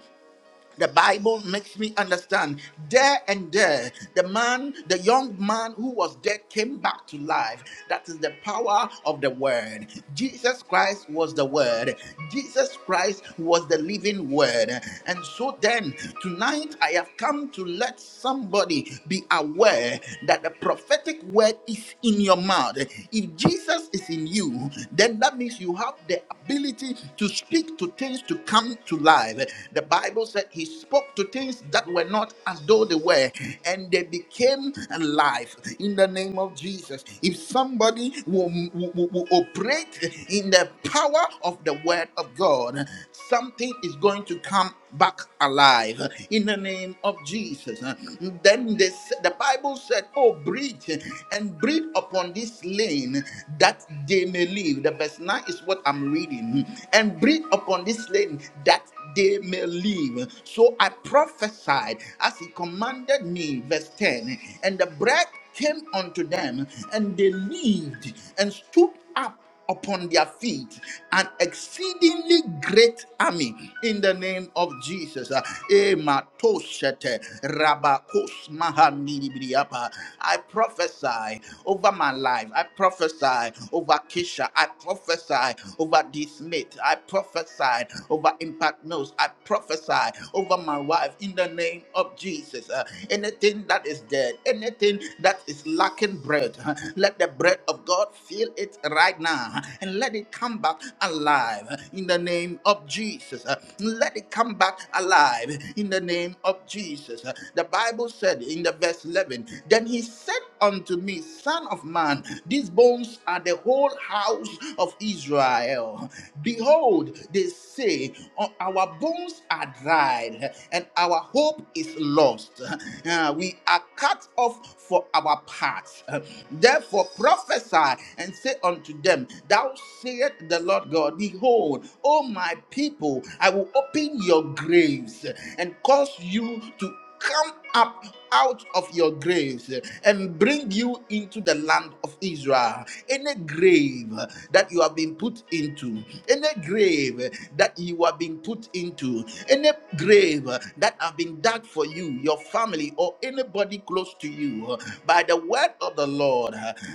the Bible makes me understand there and there, the man, the young man who was dead came back to life. That is the power of the word. Jesus Christ was the word. Jesus Christ was the living word. And so then, tonight I have come to let somebody be aware that the prophetic word is in your mouth. If Jesus is in you, then that means you have the ability to speak to things to come dead to life. The Bible said he spoke to things that were not as though they were, and they became alive in the name of Jesus. If somebody will, will, will- will operate in the power of the word of God, something is going to come back alive in the name of Jesus. Then they, s- the Bible said, Oh, breathe and breathe upon this lane that they may live. The verse 9 is what I'm reading and breathe upon this lady that they may live. So I prophesied as he commanded me, verse 10, and the breath came unto them, and they lived and stood up upon their feet an exceedingly great army in the name of Jesus. Uh, Ematoshete Rabakos Mahamiribriapa. I prophesy over my life. I prophesy over Kisha. I prophesy over D. Smith. I prophesy over Impact Mills. I prophesy over my wife in the name of Jesus. Uh, anything that is dead, anything that is lacking bread, uh, let the bread of God fill it right now uh, and let it come back alive in the name of Jesus. Uh, let it come back alive in the name of Jesus. Uh, the Bible said in the verse 11, then he said unto me, Son of man, these bones are the whole house of Israel. Behold, they say, "O- Our bones are dried, and our hope is lost. Uh, We are cut off for our parts. Therefore, prophesy and say unto them, Thou sayest the Lord God, Behold, O my people, I will open your graves and cause you to come up out of your graves and bring you into the land of Israel. Any grave that you have been put into, any grave that you have been put into, any grave that have been dug for you, your family, or anybody close to you, by the word of the Lord,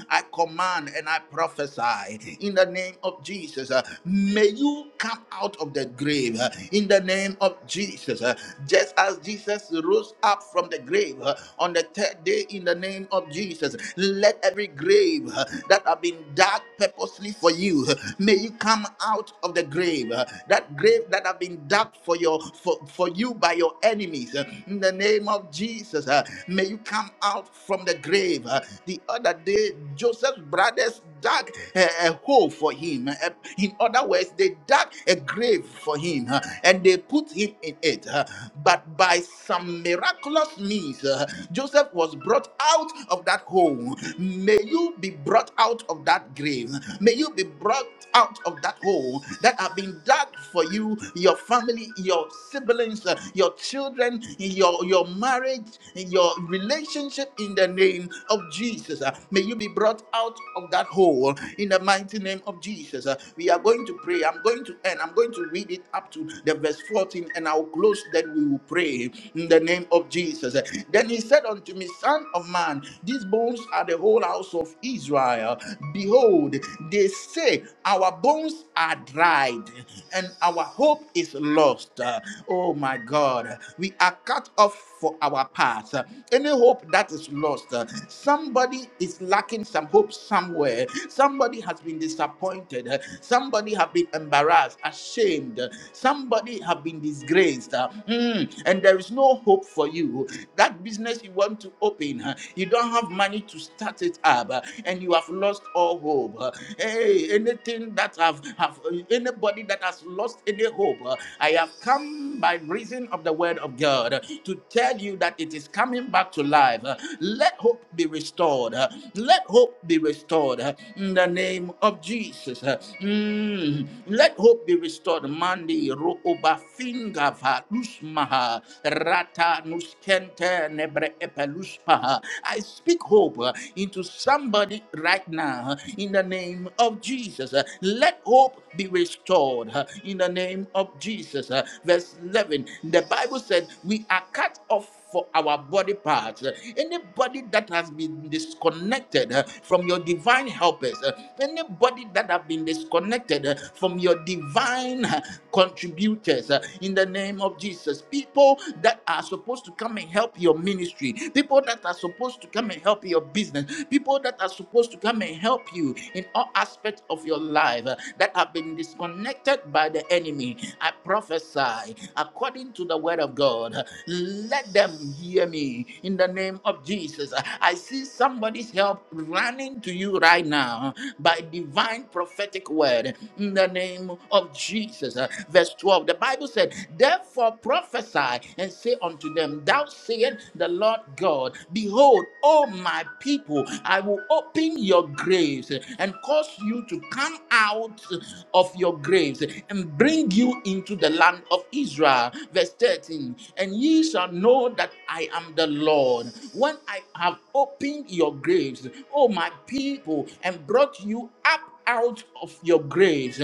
I command and I prophesy in the name of Jesus. May you come out of the grave in the name of Jesus, just as Jesus. Lazarus rose up from the grave uh, on the third day in the name of Jesus. Let every grave uh, that have been dug purposely for you, uh, may you come out of the grave. uh, That grave that have been dug for your for, for you by your enemies. uh, In the name of Jesus, uh, may you come out from the grave. Uh, The other day, Joseph's brothers dug a, a hole for him. Uh, In other words, they dug a grave for him uh, and they put him in it it. Uh, But by some miraculous means, uh, Joseph was brought out of that hole. May you be brought out of that grave. May you be brought out of that hole that have been dug for you, your family, your siblings, uh, your children, your, your marriage, your relationship in the name of Jesus. Uh, May you be brought out of that hole in the mighty name of Jesus. Uh, We are going to pray. I'm going to end. I'm going to read it up to 2, the verse 14, and I'll close, then we will pray in the name of Jesus. Then he said unto me, Son of man, these bones are the whole house of Israel. Behold, they say, Our bones are dried, and our hope is lost. Uh, Oh my God, we are cut off for our path. Uh, Any hope that is lost, uh, somebody is lacking some hope somewhere. Somebody has been disappointed. Uh, Somebody have been embarrassed, ashamed. Uh, Somebody have been disgraced. Uh, mm, And there is no hope for you. That business you want to open, uh, you don't have money to start it up, uh, and you have lost all hope. Uh, Hey, anything that have have uh, anybody that has lost any hope, uh, I have come by reason of the word of God to tell tell you that it is coming back to life. Uh, Let hope be restored. Uh, Let hope be restored uh, in the name of Jesus. Uh, mm, Let hope be restored. Mandi rooba finga va usmaha rata nuskente nebre epeluspaha. I speak hope uh, into somebody right now uh, in the name of Jesus. Uh, Let hope be restored uh, in the name of Jesus. Uh, Verse 11. The Bible said we are cut off off for our body parts. Uh, Anybody that has been disconnected uh, from your divine helpers, uh, anybody that have been disconnected uh, from your divine uh, contributors uh, in the name of Jesus, people that are supposed to come and help your ministry, people that are supposed to come and help your business, people that are supposed to come and help you in all aspects of your life uh, that have been disconnected by the enemy. I prophesy according to the word of God. uh, Let them hear me in the name of Jesus. I see somebody's help running to you right now by divine prophetic word in the name of Jesus. Uh, Verse 12, the Bible said, Therefore prophesy and say unto them, Thou sayest the Lord God, Behold, O my people, I will open your graves and cause you to come out of your graves and bring you into the land of Israel. Verse 13, And ye shall know know that I am the Lord. When I have opened your graves, oh my people, and brought you up out of your graves.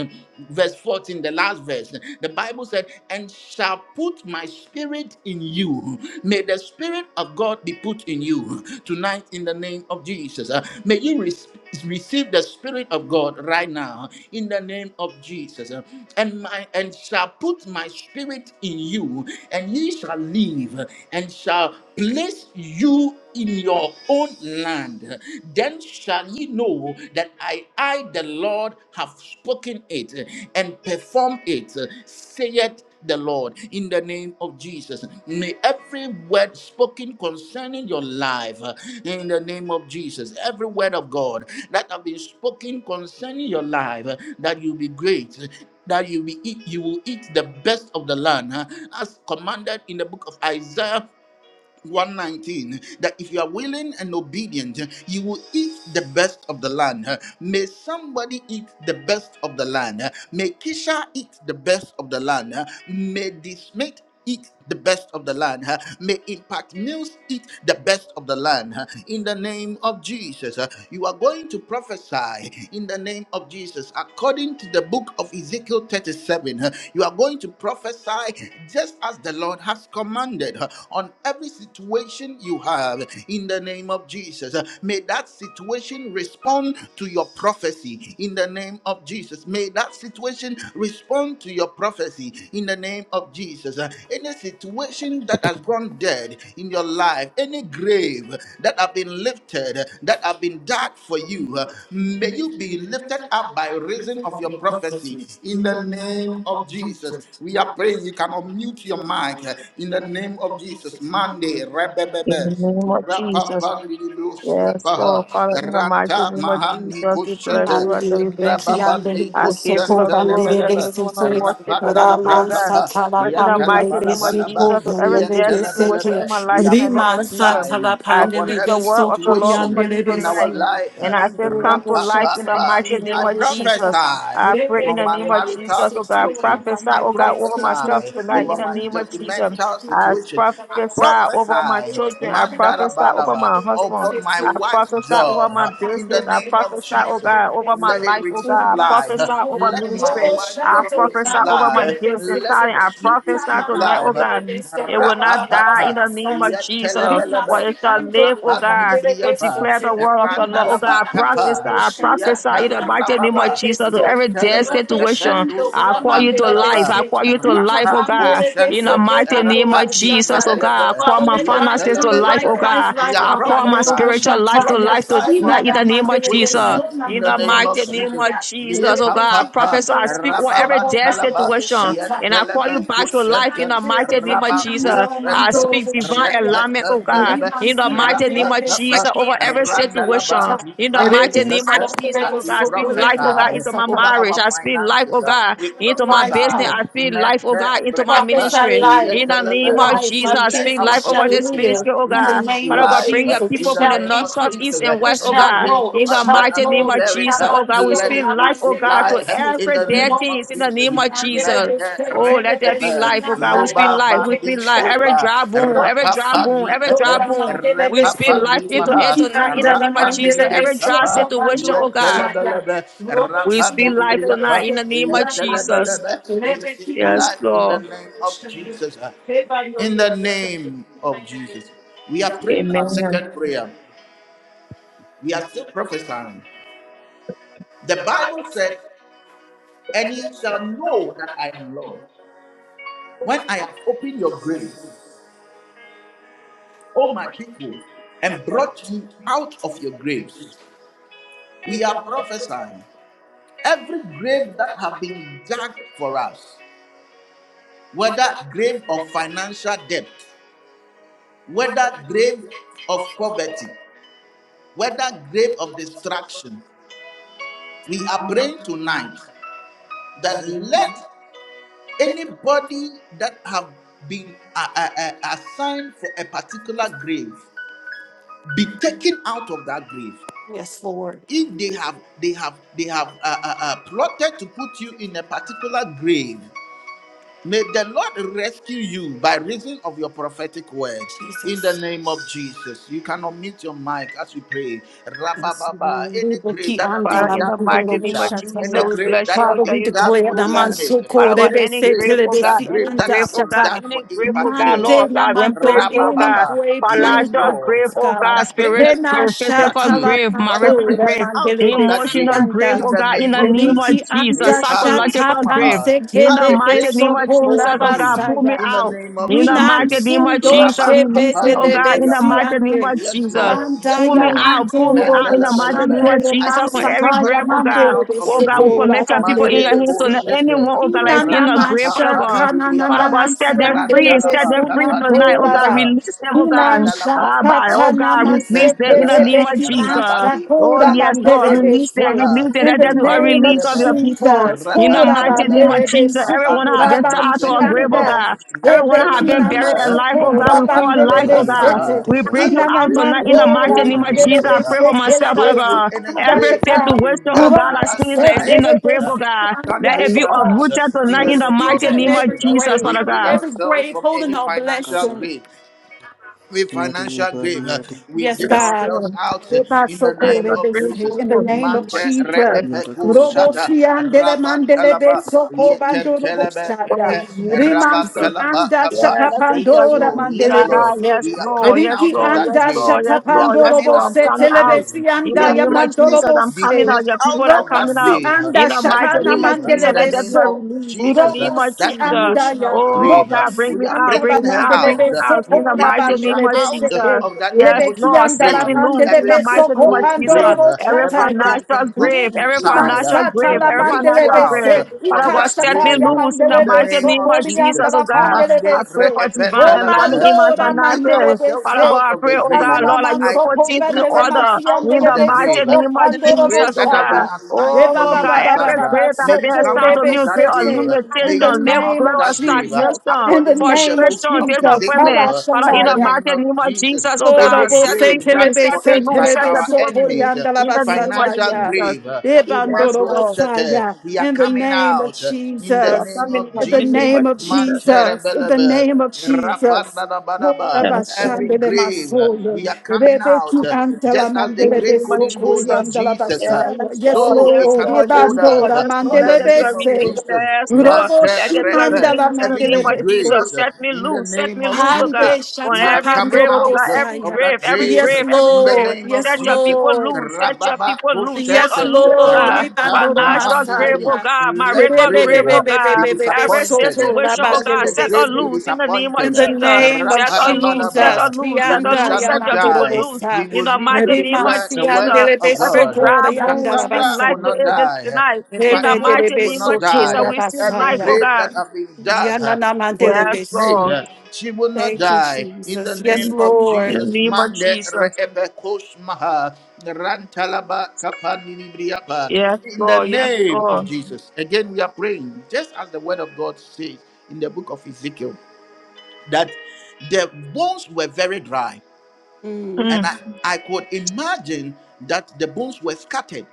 Verse 14, the last verse. The Bible said, And shall put my spirit in you. May the spirit of God be put in you tonight in the name of Jesus. Uh, May you re- receive the spirit of God right now in the name of Jesus. Uh, And my and shall put my spirit in you, and ye shall live, and shall place you in your own land. Then shall ye know that I, I, the Lord, have spoken it and perform it, saith the Lord, in the name of Jesus. May every word spoken concerning your life, uh, in the name of Jesus, every word of God that have been spoken concerning your life, uh, that you be great. uh, That you be, eat, you will eat the best of the land, huh, as commanded in the book of Isaiah 119 that if you are willing and obedient, you will eat the best of the land. May somebody eat the best of the land. May Kisha eat the best of the land. May this mate eat the best of the land. May Impact News eat the best of the land. In the name of Jesus, you are going to prophesy in the name of Jesus according to the book of Ezekiel 37 having. You are going to prophesy just as the Lord has commanded on every situation you have in the name of Jesus. May that situation respond to your prophecy in the name of Jesus. May that situation respond to your prophecy in the name of Jesus. Any situation that has gone dead in your life, any grave that have been lifted, that have been dark for you. Uh, May you be lifted up by reason of your prophecy in the name of Jesus. We are praying you can unmute your mic uh, in the name of Jesus. Monday,
In
rebebebe.
the name of
Rapa
Jesus.
Pandibu
Yes,
Stipaha
Lord, Father, in the mighty
Ranta
name of
Mahani
Jesus, we bless
Kushete
you. I tell you,
Andiribe
thank you.
Rababani
I
kiandiribe
give you
suko
the
Kushanta
glory. I
bandiribe
Lebeleba
give you the
sike
worship, your
Rapana
name, Father
Raman
God.
Labrakapa
satala
But in the mighty
pandiribe
name of Jesus,
Yatalabalabalaba
suko
to every death
bandiribe
situation
sike
in
Yatalabelebe.
my
We
life,
are
in the name of
Riman
Jesus,
prophesying
satala
I
upon
speak the
pandiribe
every
word of the
suko
Lord
situation
over
time
you
yandiribe
in our
tonight.
sike
life.
And I say,
Mandoro
come to life
bosha
in the
tala
Ra-pa-pa-pa.
mighty
I
name of Jesus. I
prophesy
Thank
pray in
on
the
my
name of
marital
Jesus, oh God,
situation.
prophesy,
I
oh God, over myself
prophesy
tonight
over
in the
my
name of Jesus.
documental
I
situation. I
prophesy over my
prophesy
children. I prophesy over
mandarabalaba
my husband.
upon my
I
wife's
prophesy over
job
my
uh, in the
business. I
name of
prophesy, oh
Jesus.
God, over my
Let it
life, oh God.
receive
I
life.
prophesy over
Let my
ministry.
wife
I
job receive
prophesy over my gifts and
life. Let
talent. I
me
prophesy
receive
tonight, oh
life.
God. It will not die in
Rapapapa.
the name of
you.
Jesus.
Living
For
Yetelebelebe.
it
Basket
shall
and
live, oh
Dora
God,
pandele
to
Rapamilibriapa.
declare the
Sopse,
word of the
Living
Lord, oh God.
Basket
Randalaba
I
and Dora
kapa.
prophesy, I
Shata,
prophesy in
Yeta
the
Dora
mighty name of
rababa.
pandele
Jesus to
So,
every
and
dead
Robo
Yetelebe
situation.
Shando,
kependus
I call you to
Ramandele
life.
mahandaraba.
I
Besset.
call you to
We
life, oh
Rapa
command the
God.
day
In the
kushente.
so go
mighty name of
Bandoro
Rapani
Jesus, oh
Shataya.
God, I
mehelebe.
call
Father,
my
let life
finances to
come,
life,
life,
Yetelebelebe.
oh God.
life,
We
life,
are
I call my
Abandonable
prophesying.
spiritual life to
Shataya,
life
Prophesy on
tonight in the
Inada
every
name of
Mandele,
situation
Jesus.
Sona
in
In
the
the
name
Mandorable
mighty
of
name of
Jesus.
Shataya,
Ye
Jesus, oh God, I
Rebeti
papa pa
prophesy, I
Andela,
speak over every
rababan
Soko
dead
talaba
Bandorable
situation,
ye
Shataya.
and I call
telebe
you back to life in
kushente
the mighty name of
raba
Jesus. I
kushente
speak divine alignment,
rekete
oh God,
nelebe
in the mighty
raba
name of
papa
Jesus, over every
randalaba
situation, in the
ipalu
mighty name of
shente
Jesus,
Uh,
oh
we
God, I speak life, oh God,
prophesy
into my
over
marriage,
our
I speak life, oh
finances uh,
God,
we
into my
Life,
business,
huh?
prophesy
I speak life, oh
mente
God, into my
brepa
Prophesy
ministry,
ye
life,
in the
telebe
name of
life,
Jesus,
my
I
let
speak
our
life
business shall
over this
situation uh,
live
ministry, oh
in the
God,
receive
name
Father
of
God,
life
bring
uh,
Jesus.
your
It
in
people
the
from
the
shall
the
name
north,
of
south,
increase,
east,
Jesus. uh,
and
it
west, oh
In the
shall
God.
king
grow,
of
In
it
the
us
shall
that
mighty
have been
name
flow.
of
buried,
Jesus,
uh,
oh
Rabban
God, we
let
Soli,
speak
it
life,
Rabban
receive
oh God, to
life uh,
Delevesi,
in
every
the
dead
name of
thing
Nobo
in the name
Jesus.
Siti,
of Jesus.
Mente
Andelevesi,
Oh, let there be
rekepe,
Televesi,
life, oh God.
Nanda,
We speak
noba
Rabban
life, we
vandi
speak life. Every
sopa,
dry
Delevesi,
bone, every
Nobo
dry
Siti,
bone,
rapapani
every
Ando,
dry
kepe,
Rabban
bone. We speak
Delevesi,
life
rapapani
into it
maha,
Luki,
tonight in the
Anda,
name of
Rabban
rapani
Jesus.
libri
Every
Delevesi,
dry
kapa,
situation, oh
Sobando,
God.
Shaya.
yetelebelebe,
We speak
rapani
life
libri kapa,
tonight in the name of Jesus.
yetelebelebe. Receive
Yes,
life in the
Lord.
name of Jesus. uh, in the name of Jesus. We are praying our
Amen.
second prayer. We are still prophesying. The Bible said, And ye shall know that I am Lord. When I have opened your graves, O my people, and brought you out of your graves, we are prophesying. Every grave that have been dug for us, whether grave of financial debt, whether grave of poverty, whether grave of destruction, we are praying tonight that let. Anybody that have been uh, uh, uh, assigned for a particular grave be taken out of that grave.
Yes, Lord.
If they have they have they have uh, uh, uh, plotted to put you in a particular grave, May the Lord rescue you by reason of your prophetic word. In the name of Jesus, you cannot mute your mic as we pray. Rabababa, any grave that have
Father,
been
in the
dug for
mighty name of
Kisha,
Jesus,
any
we
grave
bless
that
you. We
have
Father,
been
tell
we
you thank
dug
declare
you,
for
the
oh
man
God.
dismay,
so
Father
cold. they
God,
any
be
any
say
grave
grave,
till they
oh
be
God,
that
see
any
grave
anda
that
grave,
have
oh
been
God,
shata.
dug
any
for
grave, oh
impact
God,
mills.
Mande
Lord
na
God, then
mando
place you, oh
any
God.
Rabababa,
way
yes,
plan for
Financial
Lord.
grave,
us,
oh God,
God.
Father, bring
spiritual
us
Hena
grave,
out of that
physical
shata
grave.
la
grave,
Father,
marital
bring
pandora
us
grave,
out
mandele
of that
besi
emotional
grave
grave,
anda.
in
oh
the
God, in
name
the
of
name
Jesus.
of
Riki
Jesus,
anda shata
psychological grave.
Epanosmaha.
panse
In
As the
the
kele
mighty
grave
name
beso
of
couldn't
Jesus,
hold
oh God,
you
pull me
in the
out.
name of
In the
Jesus.
Winan
mighty name of
sundo
Jesus,
shebe
release me, oh God,
delebe
in the
Rabakapanibriapa.
mighty name
siande.
of
Yes,
Jesus.
Lord.
Manda
Yes,
Pull me
ya
Lord.
out. Pull
mando
me out in
robo
the
Mandela
mighty name
shande
Belebe.
of
le
I
Jesus from
see
every
masaka
somebody
ya
grave, oh
mande
coming
God.
out
le
of
Oh
a
God, we
grave.
sekora
commit your people
bande
in
le
your hands. So
Mandelebo
bese.
that
Shepe.
anyone, oh God, like in
Inana
the grave, Father
masha
God.
kana na
Father
na
Rapapapanibriapa.
God,
na
set them
siande
free.
le
Set
Rantalaba
them
besu
free tonight, oh
nando
God.
Kapanibriapa.
Release them, oh God.
Inan
Randalaba
Abba,
Kapa.
oh
shakata
God,
naman
release them in the
Yekentelebe.
name
sepelebe,
of
inan
Jesus.
Rabadi
Oh
shakura
yes,
Opalibra
Lord,
bandelebe
release them,
se.
Alusmaha.
release them.
In
Let
the
there be a
name of
release of your
Intelebelebe.
people
Jesus,
in the
kura
mighty name of
Rapalabelebe.
bandelebe,
Jesus. Everyone have
sukura
been
Ranta
tied to a grave, oh
Nisketelebe,
banshianda,
God. Everyone have been
ebekina
Yanakas
buried
Mentelebelebe,
alive, oh God.
masukura
Takasa
We call life, oh
bandelebe
Rapandalabra
God.
sete,
Papa.
We
Zadiabaliadibas
bring
As
you
the
out
grave
tonight in the
couldn't
inanamandora
mighty
hold
name of Jesus. I
mandelebe
Jesus,
Nadosadamba
uh,
pray for myself,
sepelebe
Father
so will
si
God.
any
anda
Every
grave that
shaka,
has been
situation, oh
dug
God,
for
I
urobo
us
sins
by
that is
our
in the
enemies.
setelebe
grave,
uh,
oh
si
God.
Can't
Let
anda
it
hold
be
shaka.
us uh,
uprooted
in
tonight
We
the
in the
name
speak to
of
mighty name
Zedambas
of
every
Jesus. uh,
Jesus,
grave,
We
Father
bring
God.
every
ourselves
grave
from
holding
any
our
financial
blessing.
Kasa
grave every financial grave. uh,
Nadiabaliadi
We dig
Yes,
ourselves
Lord.
out uh, in the
I
name
shall
of
pray for
Jesus.
In
you
the
in the
name of
name of
Mante re
Jesus.
Jesus.
epeku
Yadakasa
shata
Dabada
Robosi andele
raban
mandele
talaba
beso kobando
yeten telebe
Oh,
robosaya.
in
epe
the name of
raban
Jesus.
Rimansi
talaba
anda
papa.
Yeah, let everyone
Yes,
shakapandora
Lord.
release.
Yes,
mandele
Ah,
Lord.
bese.
yes,
We are
Lord,
coming
yes,
Riki
out of
Lord,
that
yes,
anda
grave.
Lord, yes,
We are
Lord,
shatapando
yes,
coming
Lord. I'm
out
robose
of
coming
that
out.
grave.
telebesi
In
We
the
anda
are
name of
yamando
bringing
Jesus, I'm
the
coming
robose.
out.
snake
Your
out
people are
of that
coming
Robosi
out.
grave.
anda
In the
That
mighty
shakana
name of
grave uh,
Jesus,
mandele
in the
let
name
everyone
of
beso.
release. In the
Jesus. uh,
name of
Robosi
That
Jesus.
anda
emotional
ya.
Oh,
grave. uh,
God, bring
Robosi
We
me
are
out,
anda la
bring
bringing
me
her
out,
mandele
bring
out.
me
Uh,
beso
out.
We
In the
kora
bring
mighty
Kisha
name
bandele
of
bese.
out uh,
Jesus.
of that
Yes,
Lebeki
emotional
Lord,
anda
set
la
grave.
me
uh,
loose
mandele
in
Every
the
beso
mighty name of
stressful
kopando
grave.
Jesus.
uh,
Every
Every
robosataya.
financial
thinking of
grave, every
suicide. uh,
financial
Mansata
We
grave,
la
every
bring you
financial
out uh,
grave.
mandelebese,
Father
from
God,
that
set me
ikachata
grave.
ya
uh,
loose in the
in the
mighty
mandelebese,
name
name
of
of
Jesus.
Jesus,
korianda
oh
la
God. I
Mande
pandelebese,
pray for divine alignment
obando
reependalabe.
in my
la
We dig
finances.
ourselves
Father
mandelebese,
out
God, I
of
pray,
the
oh God,
grave.
ikanana
Lord, that you will
I
put
mansoko
things
dig
in
bandele
order
Cassandra out
in
of
the
the
mansiandelebese,
mighty
grave.
name of
Any
kopandoro
Jesus,
grave
oh
that have been
God.
boshaya.
assigned
Oh
for
Eba ba
you,
God,
ba ba ba
every
ba
Cassandra,
ba,
grave that has
may
been
you
soto
come
assigned
out
to
rebe
me,
of that
grave of
grave.
sete.
May
In the
you
limitation,
come
live
out
name
grave
of
of
of
that grave
Jesus,
stagnation,
in the
according to
name
the
of
book
frustration,
of
Jesus,
disappointment.
Ezekiel.
Father,
In
in
the
the
Habashalaya.
name
mighty
of
name
Jesus.
of
Jesus,
Jesus, oh
any
God,
Orobo
set
se
me
grave
free,
dug
telebe
set
for
me
se
us
loose,
by
set
telebe
the
our
people free.
enemies, uh,
sotorianda la
In the name of
financial
basataya.
Jesus.
grave, uh,
Yes,
Imando
Ebandorobo
Lord.
Sete,
saya.
we are
In the
coming
name of
out uh, in the
So I
Jesus.
name
come in
of
In the
the
Jesus.
name
name
of
of
Jesus.
Jesus. In the
Manterebelebe,
name of Jesus. Ora
Rapandadabadaba,
Yes,
Every
Lord.
bashandele
grave, uh,
masoyo.
we are coming
Rebe
out.
tu
uh, Just as the
In the
mandelebe
grave
name of
couldn't hold you,
Jesus.
sokorianda la
Jesus, uh,
basaya.
Yes,
Yes,
Lord.
so it
Yes,
Lord.
Lord.
cannot
Yes,
hold
Lord.
us.
Ebandora
uh,
Yes, Lord.
In
Let that
the
be
mandelebe
a
name of
se.
released,
Jesus.
Yes, Lord.
Robo
Let that be a
<laughs> death,
shimandala
released.
uh,
in the
every
name of
mandelebe se.
disgrace
Jesus.
uh,
Set me
in the
loose. Set
name
me
of
loose, oh
Jesus.
God.
Ande
On
We are
every
coming
grave,
shatapandoro
oh
out
God.
uh,
Every
of
bosaya.
grave,
that
every
grave
Yes,
uh,
grave, every
in the
grave.
Lord.
name of
Yes,
Set your
Jesus.
people
Lord.
loose. Set your
Rababa
people loose. Set
Koshet
Yes,
us
uh,
loose, oh
Lord.
God.
Ranta
Ibandoro
Financial grave,
Mahandiri.
oh
masaya.
God.
Let
Marital
grave
grave,
uh,
oh
be
God.
Rebebebebebebebe
Every
soto
disappointed. uh,
situation, oh
Let
God.
rabandele
the
Set us
grave be
besu.
loose in the name of
disappointed.
In the
uh,
Jesus.
name of
Set us loose. Set
Jesus,
Rapadabadaba.
us loose. Set
We
us
Krianda
shall
loose. Set
not
your
Yamandoro
people
die.
loose.
We
Bosa,
In
will
the
live to
mighty name of
declare
Rebimansi
the
Jesus,
words
Andele
of
every
Besoto
God.
dry bone,
Yanda
we send
Cassandra
life
will
to
not
it
Rabasaya.
this
die.
tonight. In
Impact
the
Mills
mighty
will
name of
not
Jesus,
die.
we send
Every
life, oh
grave
God.
that has been dug uh, for
Yes,
this maid,
Lord.
uh, she will not die. In the name
In
of
the
Jesus,
name of
Mande
Jesus.
Reebe Koshmaha, Rantalaba Kapanilibriaba.
Yes,
In the
Lord. Yes,
name of
Lord.
Jesus. Again, we are praying, just as the word of God says in the book of Ezekiel, that the bones were very dry.
Hmm.
And I, I could imagine that the bones were scattered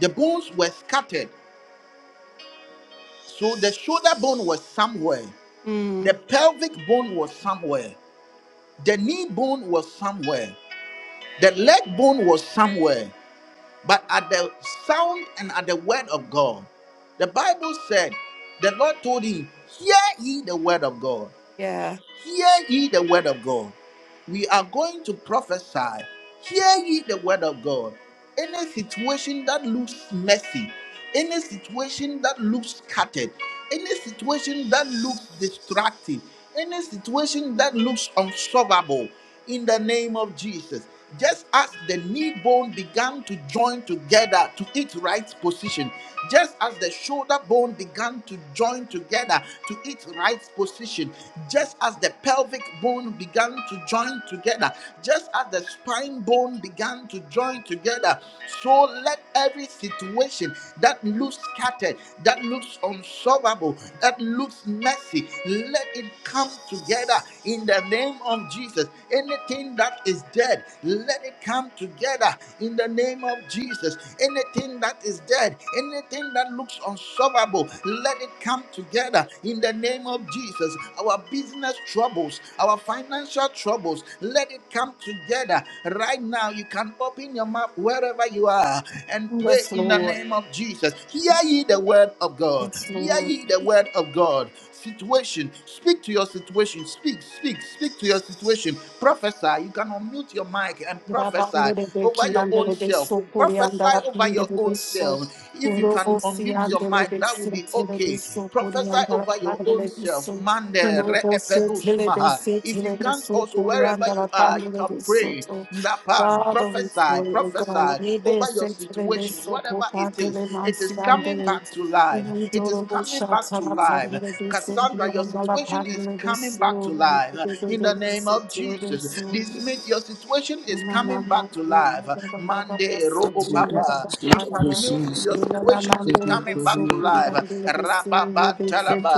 The bones were scattered. So the shoulder bone was somewhere.
Mm,
The pelvic bone was somewhere. The knee bone was somewhere. The leg bone was somewhere. But at the sound and at the word of God, the Bible said, the Lord told him, Hear ye the word of God.
Yeah.
Hear ye the word of God. We are going to prophesy. Hear ye the word of God. Any situation that looks messy, any situation that looks scattered, any situation that looks distracting, any situation that looks unsolvable, in the name of Jesus. Just as the knee bone began to join together to its right position, just as the shoulder bone began to join together to its right position, just as the pelvic bone began to join together, just as the spine bone began to join together, so let every situation that looks scattered, that looks unsolvable, that looks messy, let it come together in the name name of Jesus. Anything that is dead, let it come together in the name of Jesus. Anything that is dead, anything that looks unsolvable, let it come together in the name of Jesus. Our business troubles, our financial troubles, let it come together right now. You can open your mouth wherever you are and pray
Yes,
in the
Lord.
name of Jesus. Hear ye the word of God.
Yes,
Hear
Lord.
ye the word of God situation. Speak to your situation. Speak, speak, speak to your situation. Prophesy. You can unmute your mic and
Father, we
prophesy
pray,
over
O
your own self. Prophesy over your own self. If you can unmute your mic, that will be okay. Prophesy over your own self. Mande re'epedus maha. If you can't, also wherever you are, you can pray. Ndapan. Prophesy,
God,
prophesy
may
over
be
your
sent to the
situation,
best so called
whatever it is.
Pantele
It is coming back
Mansiandele.
to
We
life.
do
It is
the most
coming
shots
back to
of
life
our
life.
Pantele, they send you
Cassandra, your
on the
situation is
Pantele, they
coming back to
so,
life
they do
in the name of
the
Jesus. dismiss
best,
your situation is
Thank
coming back to life. Mande Roo Papa, Impact Mills,
Zedapasas
your situation is coming back to
Zadiabaliadi
life. Rababa Talaba,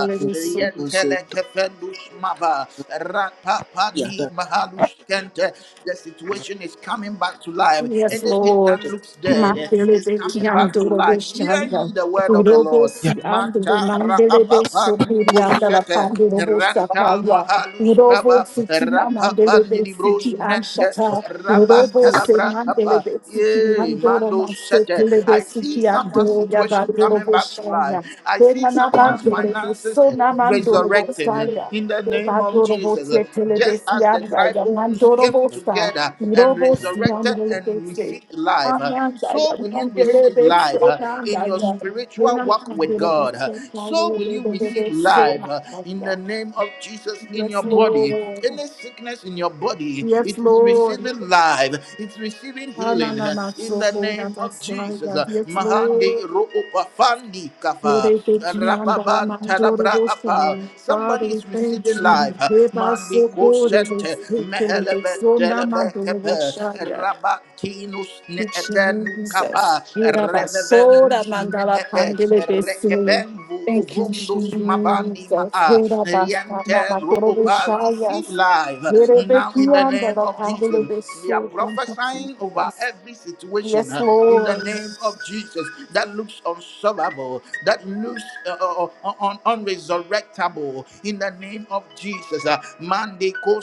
you.
Zedambas
Yentele Kefendus Mava, Rapapa ni
Yada
Mahalus Kente, the situation is coming back to life.
Yes,
Anything that
Lord.
looks dead is
Mandelebe
coming back to
kiandoro
life. Hear
boshaya.
ye the word of the
Urobo
Lord.
si
man.
andele
Ranta
mandelebe
Rapapa
sokuri andala
Nukusete
pandoro
Ranta
boshakaya. Urobo
Mahalustaba
sitina
Rapapa
mandelebe
Nidibros
siki
Mente
anshata. Urobo se
Rabantalabra Kappa
mandelebe siki
Yay
andoro
Mando Sete
mansotelebe
I see
siki
someone's
andoro
situation
yabandoro
coming back to life.
boshaya.
I see
Benana
someone's
mandelebe
finances
sona mandoro
resurrecting eh,
boshaya.
in the name of
Ebandoro
Jesus. Eh,
botetelebe
Just as the
sianda
dry bones
yamandoro
came
boshaya.
together and
Robo
resurrected
Siamele
and
Bese,
received life, eh,
Amanda
so will you
Yamandele
receive
Bese,
life uh,
Amanda
in your
Yam,
spiritual walk with
Renamandoro
God. uh,
Bese,
So
Mayele
will you
Bebe
receive
Beso,
life uh, in the
Amanda.
name of Jesus in
Yes,
your body.
Lord.
Any sickness in your body,
Yes,
it is
Lord.
receiving life, it's receiving healing uh,
Ananana
in the
Soko
name of Jesus.
Namasaya.
Uh,
Yes,
Mahandi
Lord.
Roopafandi Kafa
Rebe Kianda
Rababan
Mandoro
Tarabra Apa.
Bosani. Father,
Somebody
we
is receiving
thank
life.
you.
uh,
Reba
Mandi
Soko Rebe
Kosente
Sekele
Mehelebe
Beso
Delebe
Namandoro
Kepe
Bosaya.
Rabatinus eten kapa
Jesus. Irabasora
revendus me
mandala
ete
pandele besi.
rekevendu
Thank you,
uvundus mabandi
Jesus.
maa
Irabasta
yente
mama torobo
rupa receive
shayas.
life now in the name
Irebekiandala
of
pandele
Jesus. We are
beso. Thank you,
prophesying over
Jesus.
every situation
Yes,
uh, in the
Lord.
name of Jesus that looks unsolvable, that looks uh, uh, uh, un- unresurrectable in the name of Jesus. Uh, Mande ko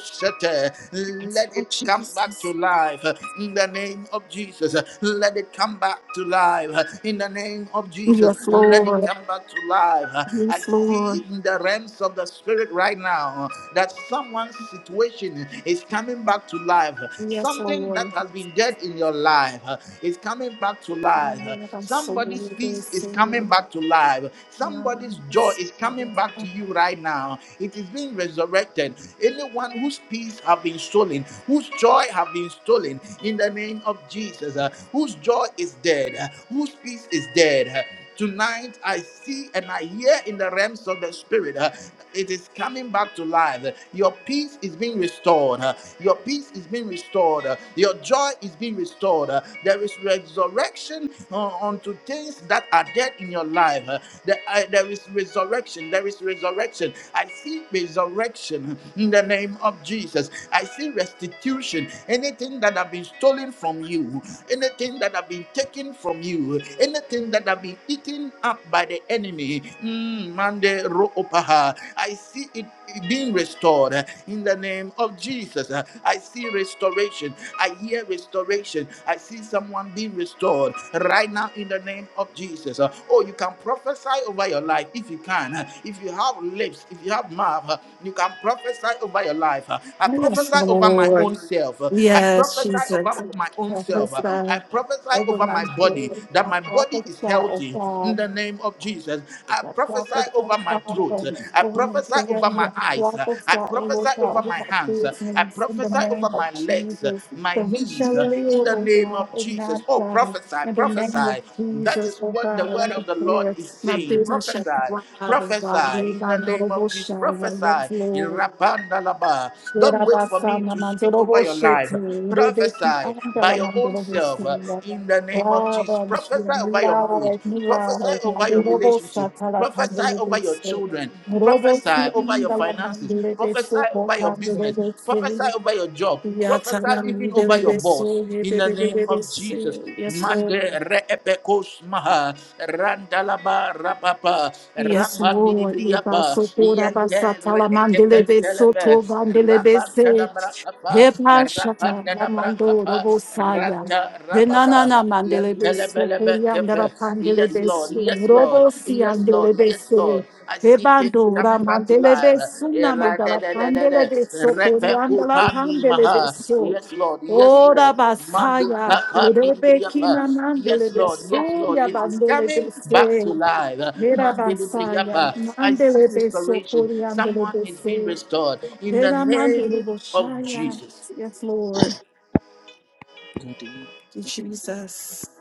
Yes,
Let it
Lord
come back to
Jesus.
life uh, in the name of Jesus. Jesus. Let it come back to life in the name of Jesus.
Yes,
Let it
Lord.
come back to life. I
Yes,
see
Lord.
in the realms of the spirit right now that someone's situation is coming back to life.
Yes,
Something that
Lord.
has been dead in your life is coming back to life. Somebody's peace is coming back to life. Somebody's joy is coming back to you right now. It is being resurrected. Anyone whose peace have been stolen, whose joy have been stolen, in the name of Jesus, uh, whose joy is dead, uh, whose peace is dead. uh, Tonight, I see and I hear in the realms of the spirit, uh, it is coming back to life. Your peace is being restored. uh, Your peace is being restored. uh, Your joy is being restored. uh, There is resurrection uh, unto things that are dead in your life. uh, There, I- there is resurrection. There is resurrection. I see resurrection in the name of Jesus. I see restitution. Anything that have been stolen stolen from you, anything that have been taken from you, anything that have been eaten up by the enemy, mm, Mande ro opaha. I see it being restored uh, in the name of Jesus. Uh, I see restoration. I hear restoration. I see someone being restored right now in the name of Jesus. Uh, Oh, you can prophesy over your life if you can. Uh, If you have lips, if you have mouth, uh, you can prophesy over your life. Uh, I
Yes,
prophesy over
Lord.
my own self. Uh, I
Yes,
prophesy prophesy
Jesus.
over my own self. Uh,
Prophesy
I prophesy
over
over
my
my body
children.
that
I
my body
prophesy,
is
oh
healthy in
God.
the name of Jesus. I
I
prophesy
prophesy,
over my
Father,
throat. Uh, I
over my
prophesy over
family.
my
I
eyes. Uh,
prophesy,
I
oh Lord
prophesy
God,
over
over
my
my
hands. Uh, I
business in the
prophesy
name
over
of
my legs, uh,
Jesus.
my
That we
knees
shall
uh, in
live,
the
oh
name
God,
of
and
Jesus.
not
Oh,
die.
prophesy,
In the name of
prophesy. That
Jesus,
is
oh
what the
God, I
word of the Lord
declare
is
my
saying.
business shall
Prophesy,
thrive, oh God.
prophesy
We
in the
bind all the
name of Jesus.
bullshit. Yes,
Prophesy.
Lord.
Rapandalaba. Don't wait for me to speak over your life.
Yes,
Prophesy by your own self uh, in the
Yes,
name of Jesus. Prophesy
Leba
over your marriage. Prophesy over your relationship. Prophesy over your children. Prophesy over your finances. Prophesy over your business. Prophesy over your job. Prophesy even over your boss in the name of Jesus. Mande reepekos maha randalaba rapapa rapandibriapa
Sopora
yente
Basatala Mandelebe
reekefentelebe
Soto Vandelebe Se
rapantadabrakapa
Hepa Shata Lamando
rapandadabrakapa
Robosaya.
randa rababa
Venanana Mandelebe
yentelebelebe
Soporia Andara
kefe. Yes,
Pandelebe
Lord.
Su
Yes, Lord.
Robo
Yes, Lord. yes
Siandelebe
Yes,
Se
Lord. I see things
Hebando
coming back to life.
Ramandelebe Suna Mandala
Era-da-da-da-da-da.
Pandelebe Soporia Andala Pandelebe
Repe-kupa-ni-maha.
so.
Yes, Lord. Yes,
Ora
Lord.
basaya, Rebekina
Mandi-kapa-ni-briapa.
mandele
Yes,
de
Lord. Yes, Lord.
suya
It is
bandele
coming
de
back
se,
to life.
Mera basaya,
Mandi-briapa. I
mande
see
de se.
restoration. Someone is being restored in the name of Jesus.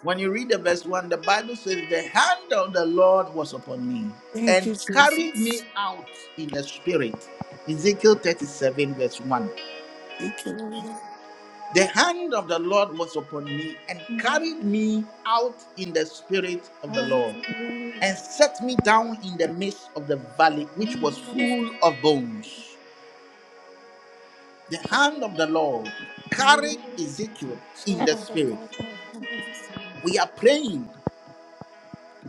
When you read the verse 1, the Bible says, The hand of the Lord was upon me and carried me out in the spirit. Ezekiel 37, verse 1. The hand of the Lord was upon me and carried me out in the spirit of the Lord and set me down in the midst of the valley, which was full of bones. The hand of the Lord carried Ezekiel in the spirit. We are praying.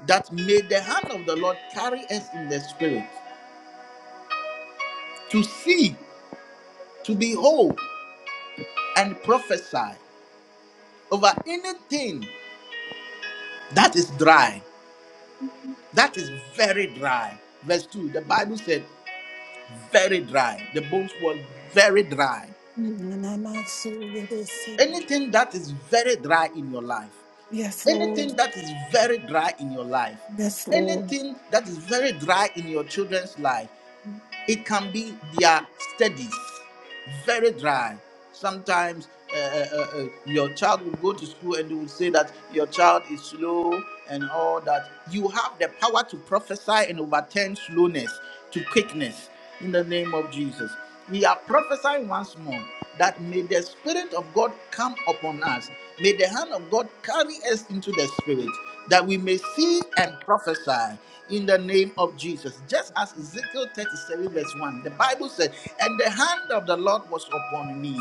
that may the hand of the Lord carry us in the spirit to see, to behold, and prophesy over anything that is dry, that is very dry. Verse 2, the Bible said, very dry. The bones were very dry.
Nanamasuya de se.
Anything that is very dry in your life,
Yes, Lord.
anything that is very dry in your life,
Yes, Lord.
anything that is very dry in your children's life, It can be their studies, very dry. Sometimes uh, uh, uh, uh, your child will go to school and they will say that your child is slow and all that. You have the power to prophesy and overturn slowness to quickness in the name of Jesus. We are prophesying once more that may the Spirit of God come upon us. May the hand of God carry us into the Spirit that we may see and prophesy in the name of Jesus. Just as Ezekiel 37, verse 1, the Bible said, And the hand of the Lord was upon me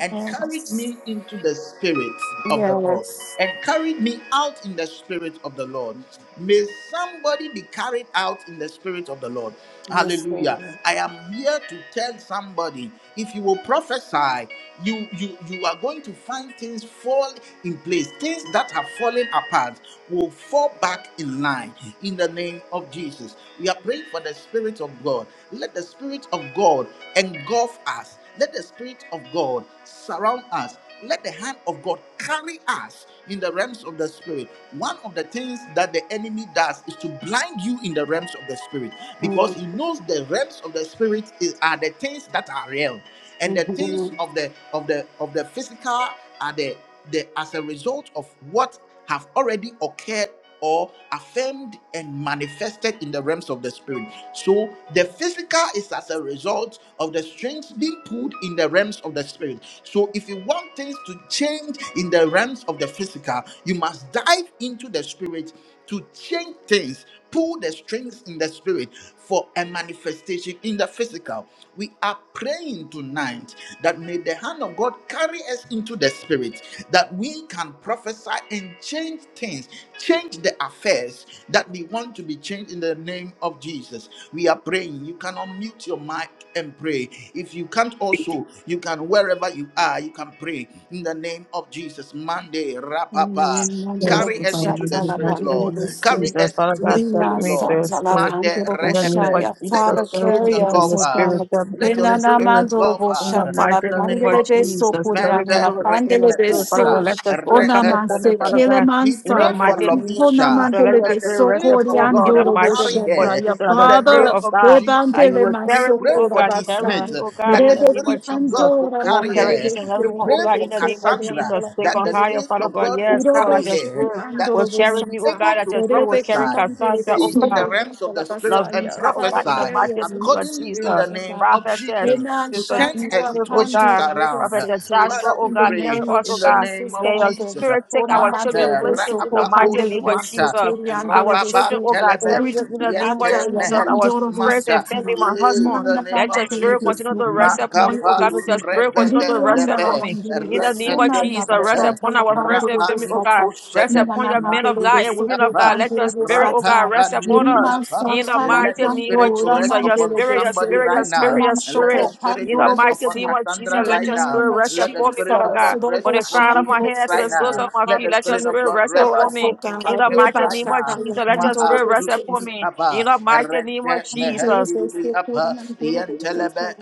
and carried me
Yes.
into the Spirit of the Lord and carried me out in the Spirit of the Lord. May somebody be carried out in the spirit of the Lord. Hallelujah. I am here to tell somebody if you will prophesy, you you you are going to find things fall in place. Things that have fallen apart will fall back in line in the name of Jesus. We are praying for the spirit of God. Let the spirit of God engulf us. Let the spirit of God surround us. Let the hand of God carry us in the realms of the spirit. One of the things that the enemy does is to blind you in the realms of the spirit because he knows the realms of the spirit is, are the things that are real and the
Yes.
things of the of the of the physical are the the as a result of what have already occurred or affirmed and manifested in the realms of the spirit. So the physical is as a result of the strings being pulled in the realms of the spirit. So if you want things to change in the realms of the physical, you must dive into the spirit to change things. Pull the strings in the spirit for a manifestation in the physical. We are praying tonight that may the hand of God carry us into the spirit, that we can prophesy and change things, change the affairs that we want to be changed in the name of Jesus. We are praying. You can unmute your mic and pray. If you can't also, you can wherever you are, you can pray in the name of Jesus. Monday,
Father,
rapapa.
carry
Yes,
Carry
the
us
Father,
into
we
the
work
spirit,
in the
Lord.
name of
Carry
Jesus,
us
Father
into the
God, set
spirit,
me to
Lord.
your spirit.
Mande re
And then move like
Let
Jesus,
your
serve
spirit
me into
us,
your
engulf
O
spirit,
us.
God.
serve me
Let
into
your
your
spirit
spirit.
engulf
In
us.
the mighty
In the
name
name
of
of Jesus.
Jesus, serve me
Mante
Lord,
re
into your spirit, Father God.
kusa.
Let the
Re
spirit come upon me, Father God.
We
In the
pray for
mighty name of Jesus,
Lovisha
let the
that the
spirit rest
Spirit of
upon me. In
God
the
will
mighty
carry
name of
her
Jesus,
in
the
the
spirit
Father,
name
of
of
God.
Jesus.
And you
Rebandele
will
We
carry me,
pray
oh
for
masokora
God,
D.
carry
bata.
Smith
me,
uh,
oh God,
that
in
the
the name
Rebeki
of
Spirit of
Jesus.
God will
andora
Oh,
carry
carry
mandele
her.
each and every
We
beso
one, oh
pray
kere
God,
for
in the
beso
name of
kore
Cassandra
Jesus.
andala
Take
that
on
the
pandele
higher,
beso.
Spirit
Father
of
God.
God will
Yes, Lord, I
Robo
carry
shi
just pray.
her, that
Will
andoro
she
carry
will be
me, oh
bosata.
able
God, I
to
just pray. Will
Rebeki
carry
prophesy
Cassandra, oh
see
God.
in the realms of the spirit and
Lavisha, oh God, in the
prophesy
mighty name of
accordingly
Jesus.
in
Spirit
the
of
name
God.
of
Prophetess,
Jesus
Amen.
to
Sister
turn
Shout
G.
her
out,
Smith, oh
Pando,
situations
God.
little
around.
Prophetess
city.
Joshua,
Father,
oh
we
In the
God, carry
pray
name of
us, oh
in the
God.
name
Jesus,
of
May your
Father.
Jesus.
spirit take
Ona
our children
mandele
Manta
places
beso,
in the
ko
mighty
pandele
rapapos
name of
beso,
manta
Jesus.
turi andele
Our
rababan
children,
beso.
oh God,
telebe
carry
Eridi
them in the
ki
name of
yente
andele,
Jesus. Our
mehelus
mandoro
friends
beso,
manta
and
Eh,
family,
tina.
my
in
husband,
the
Nanda la
name
let your
of
mandele
spirit
Jesus
continue
beso,
to
kuri
rest upon him,
andele
oh God.
makafalu
Let your
beso.
spirit continue to
rebede
rest
Rianda la
upon
leve
me.
mandele
In the name
beso,
of
rependes
Jesus,
nanda la
rest
mehe
shata
upon
la
our friends and
pandele
family, oh
beso,
God.
ta.
Rest
Shete,
upon
Nana
your men of
mandele
God and
Mandilibri
beso,
women of
ko
Apa,
God. Let your
pandele
spirit,
beso,
oh
Rapa,
God,
ta.
rest upon us.
Pandilibri
Mirima
Apa.
In the
satala
Let
mighty
the
name of
Spirit
mandora
rest
Jesus, your
upon
mandele de
spirit, your
somebody
spirit, your
right now.
spirit, your
selitanam
And let the
spirit.
shoko
Spirit
In the
rest
mighty
upon
name
pandorobosa.
of Jesus,
In
Cassandra
the
let
right
your
now.
name
spirit
of
rest
Let the
upon me,
Jesus,
Spirit
Father
of
God.
God rest
Robo
From the
upon
crown of
this
my
man
head to the
right
soles
now.
Shandorosia,
of my
Let
Father,
feet,
the
let your
Spirit
do
of
it
spirit
God
rest
rest
for
upon
us, O
upon
me. In
God.
Impact
the
Mills
mighty
Eba
right
name of
now.
Jesus, let your
Ma'a
spirit rest upon
Lushi
Pandorobosis.
me. In
Apa,
the mighty name of
Rete
And there is
Jesus.
a
Mehendilibri
still
Apa,
putting and durable just like
Yentelebe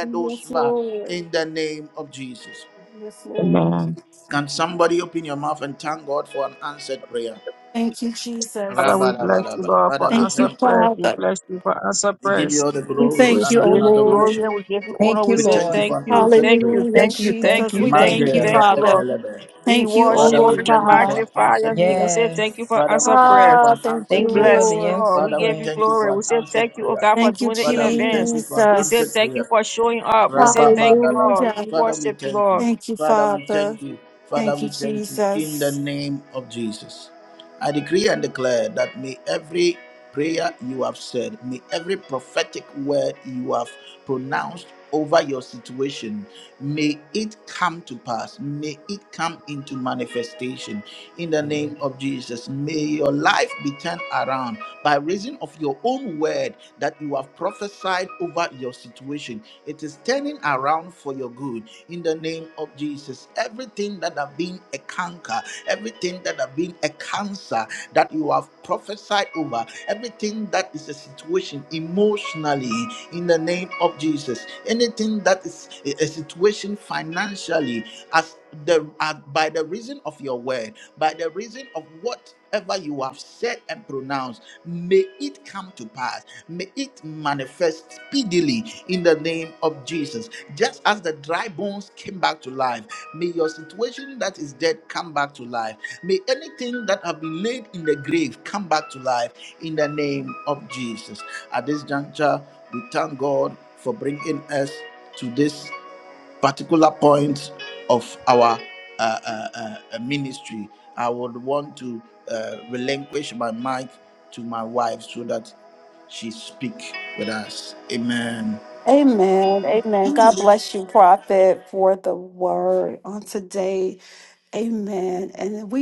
Yes, Lord.
In the name of Jesus.
Yes, Lord.
Amen.
Can somebody open your mouth and thank God for an answered prayer?
Thank you,
Father,
Jesus.
we
Rabba, rabba,
bless you,
rabba.
Lord,
Father,
for
we
Thank
answer
you,
thank you.
prayers. We
Father.
bless you for answer
We give you
prayers.
all the
We
glory,
We
thank you,
honor,
O
give
and
you
Lord.
glory
adoration.
and we give you honor.
Thank
We
you,
We
say
thank you
Lord.
for
thank
an
you,
answered
thank
prayer.
you,
Hallelujah,
thank
Thank you,
you, thank
thank
Jesus.
you,
you,
We
thank
Mande
thank
you,
thank you,
you.
re
thank you,
Father.
Lord.
epelebe.
We
Thank you, O
Father,
worship
we
you.
Lord
We
thank you for
God.
an
magnify your
answered
name. We
prayer.
say
Yes.
thank you for
Father, we
answer
thank you
prayers.
for
Ah,
an
thank
We
you,
answered
Thank you for
prayer.
bless
the
you,
Lord.
Lord.
answer
We
Father, we
give you
thank you
prayers.
glory.
for
We
an
say thank
answered
you, oh
prayer.
God, for
Thank you,
doing it in
Father, we thank
advance.
you for an
We say
answered
Jesus.
thank you
prayer.
for showing up. We say thank you,
Rababadalaba.
Lord.
Hallelujah.
We
Father, we
worship you,
thank you.
Lord.
Thank you,
Father, we
Father.
thank you. Father,
Thank you,
we thank you in the
Jesus,
name of Jesus. I decree and declare that may every prayer you have said, may every prophetic word you have pronounced over your situation, may it come to pass, may it come into manifestation in the
Yada
name of Jesus. May your life be turned around by reason of your own word that you have prophesied over your situation. It is turning around for your good in the name of Jesus. Everything that have been a canker, everything that have been a cancer that you have prophesied over, everything that is a situation emotionally in the name of Jesus, anything that is a a situation financially as the uh, by the reason of your word, by the reason of whatever you have said and pronounced May it come to pass. May it manifest speedily in the name of Jesus. Just as the dry bones came back to life, may your situation that is dead come back to life. May anything that have been laid in the grave come back to life in the name of Jesus. At this juncture, we thank God for bringing us to this particular point of our uh, uh, uh, uh, ministry, I would want to uh, relinquish my mic to my wife so that she speak with us. Amen.
for the way. Amen. And we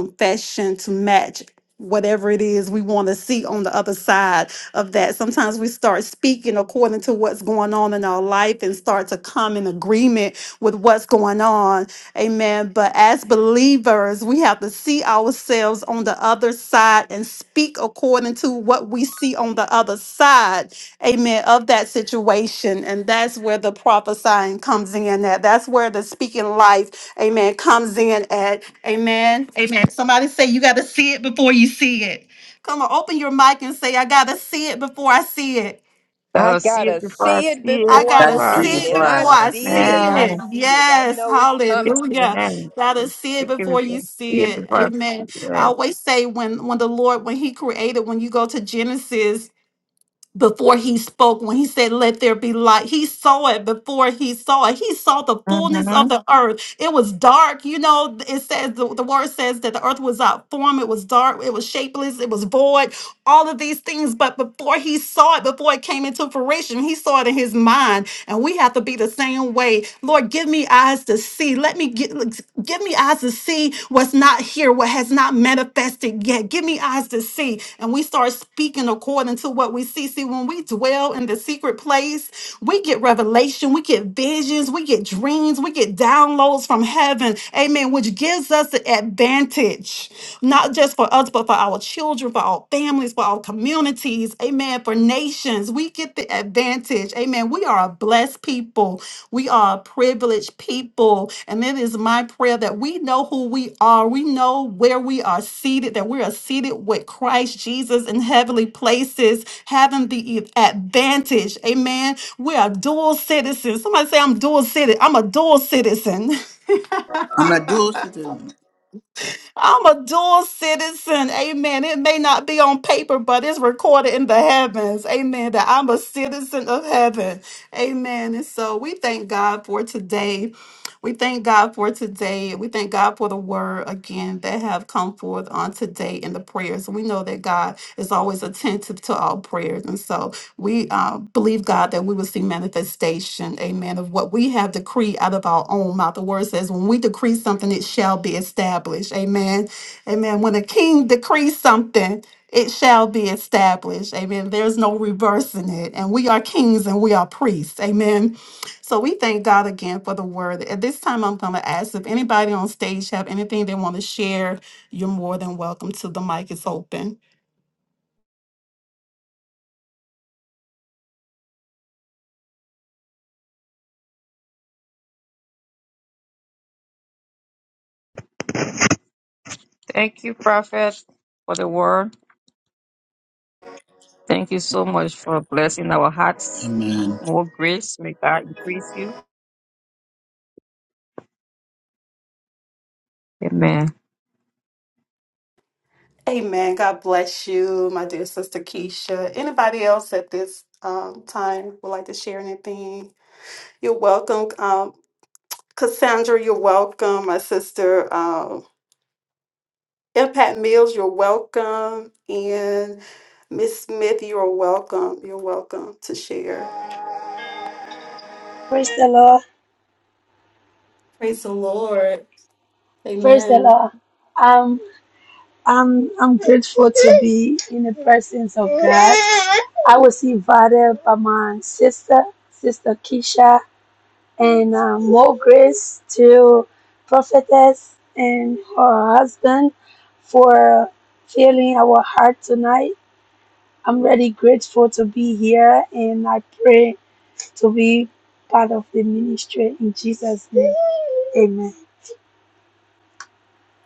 confession to match whatever it is we want to see on the other side of that. Sometimes we start speaking according to what's going on in our life and start to come in agreement with what's going on. Amen. But as believers, we have to see ourselves on the the other side and speak according to what we see on the other side, amen, of that situation. And that's where the prophesying comes in at. That's where the speaking life, amen, comes in at. Amen. Amen. Somebody say, You got to see it before you see it. Come on, open your mic and say, I got to see it before I see it.
Let
I
us see it
gotta
before us.
see it
See
I
it
before I
That
gotta
is
before
free
see
us.
it,
see it
and
before
I
I
before
that
I
is
see it,
free.
see
and
Man.
I
it.
see it. I
Yes,
know it's coming.
hallelujah.
Amen.
Gotta see it
We give you
before you
glory. See
see
it
it.
before us.
Amen. I
Yes.
always say when when the Lord, when He created, when you go to Genesis before he spoke when he said let there be light he saw it before he saw it he saw the fullness
Mm-hmm.
of the earth it was dark you know it says the, the word says that the earth was out form it was dark it was shapeless it was void all of these things but before he saw it before it came into fruition he saw it in his mind and we have to be the same way lord give me eyes to see let me get give me eyes to see what's not here, what has not manifested yet. Give me eyes to see. And we start speaking according to what we see. See, when we dwell in the secret place, we get revelation, we get visions, we get dreams, we get downloads from heaven. Amen. Which gives us the advantage, not just for us, but for our children, for our families, for our communities nations, amen, for nations. We get the advantage, amen. We are a blessed people, we are a privileged people. And it is my prayer that we know who we are, we know where we are seated, that we are seated with Christ Jesus in heavenly places, having the e- advantage, amen. We are dual citizens. Somebody say, I'm dual citizen. I'm a dual citizen.
I'm a dual citizen.
I'm a dual citizen. Amen. It may not be on paper, but it's recorded in the heavens. Amen. That I'm a citizen of heaven. Amen. And so we thank God for today. We thank God for today. We thank God for the word again that have come forth on today in the prayers. We know that God is always attentive to all prayers. And so we uh, believe, God, that we will see manifestation, amen, of what we have decreed out of our own mouth. The word says, when we decree something, it shall be established, amen. Amen. When a king decrees something, it shall be established. Amen. There's no reversing it. And we are kings and we are priests. Amen. So we thank God again for the word. At this time, I'm going to ask if anybody on stage have anything they want to share. You're more than welcome to. The mic is open.
Thank you, Prophet, for the word. Thank you so much for blessing our hearts. More grace. May God increase you. Amen.
Amen. God bless you, my dear sister Keisha. Anybody else at this um, time would like to share anything? You're welcome. Um, Cassandra, you're welcome. My sister, um, Impact Mills, you're welcome. And Miss Smith, you're welcome. You're welcome to share.
Praise the Lord.
Praise the Lord.
Praise the
Amen.
Lord. Um, I'm I'm grateful to be in the presence of God. I was invited by my sister, sister Keisha, and um, more grace to prophetess and her husband for filling our heart tonight. I'm really grateful to be here, and I pray to be part of the ministry in Jesus' name. Amen.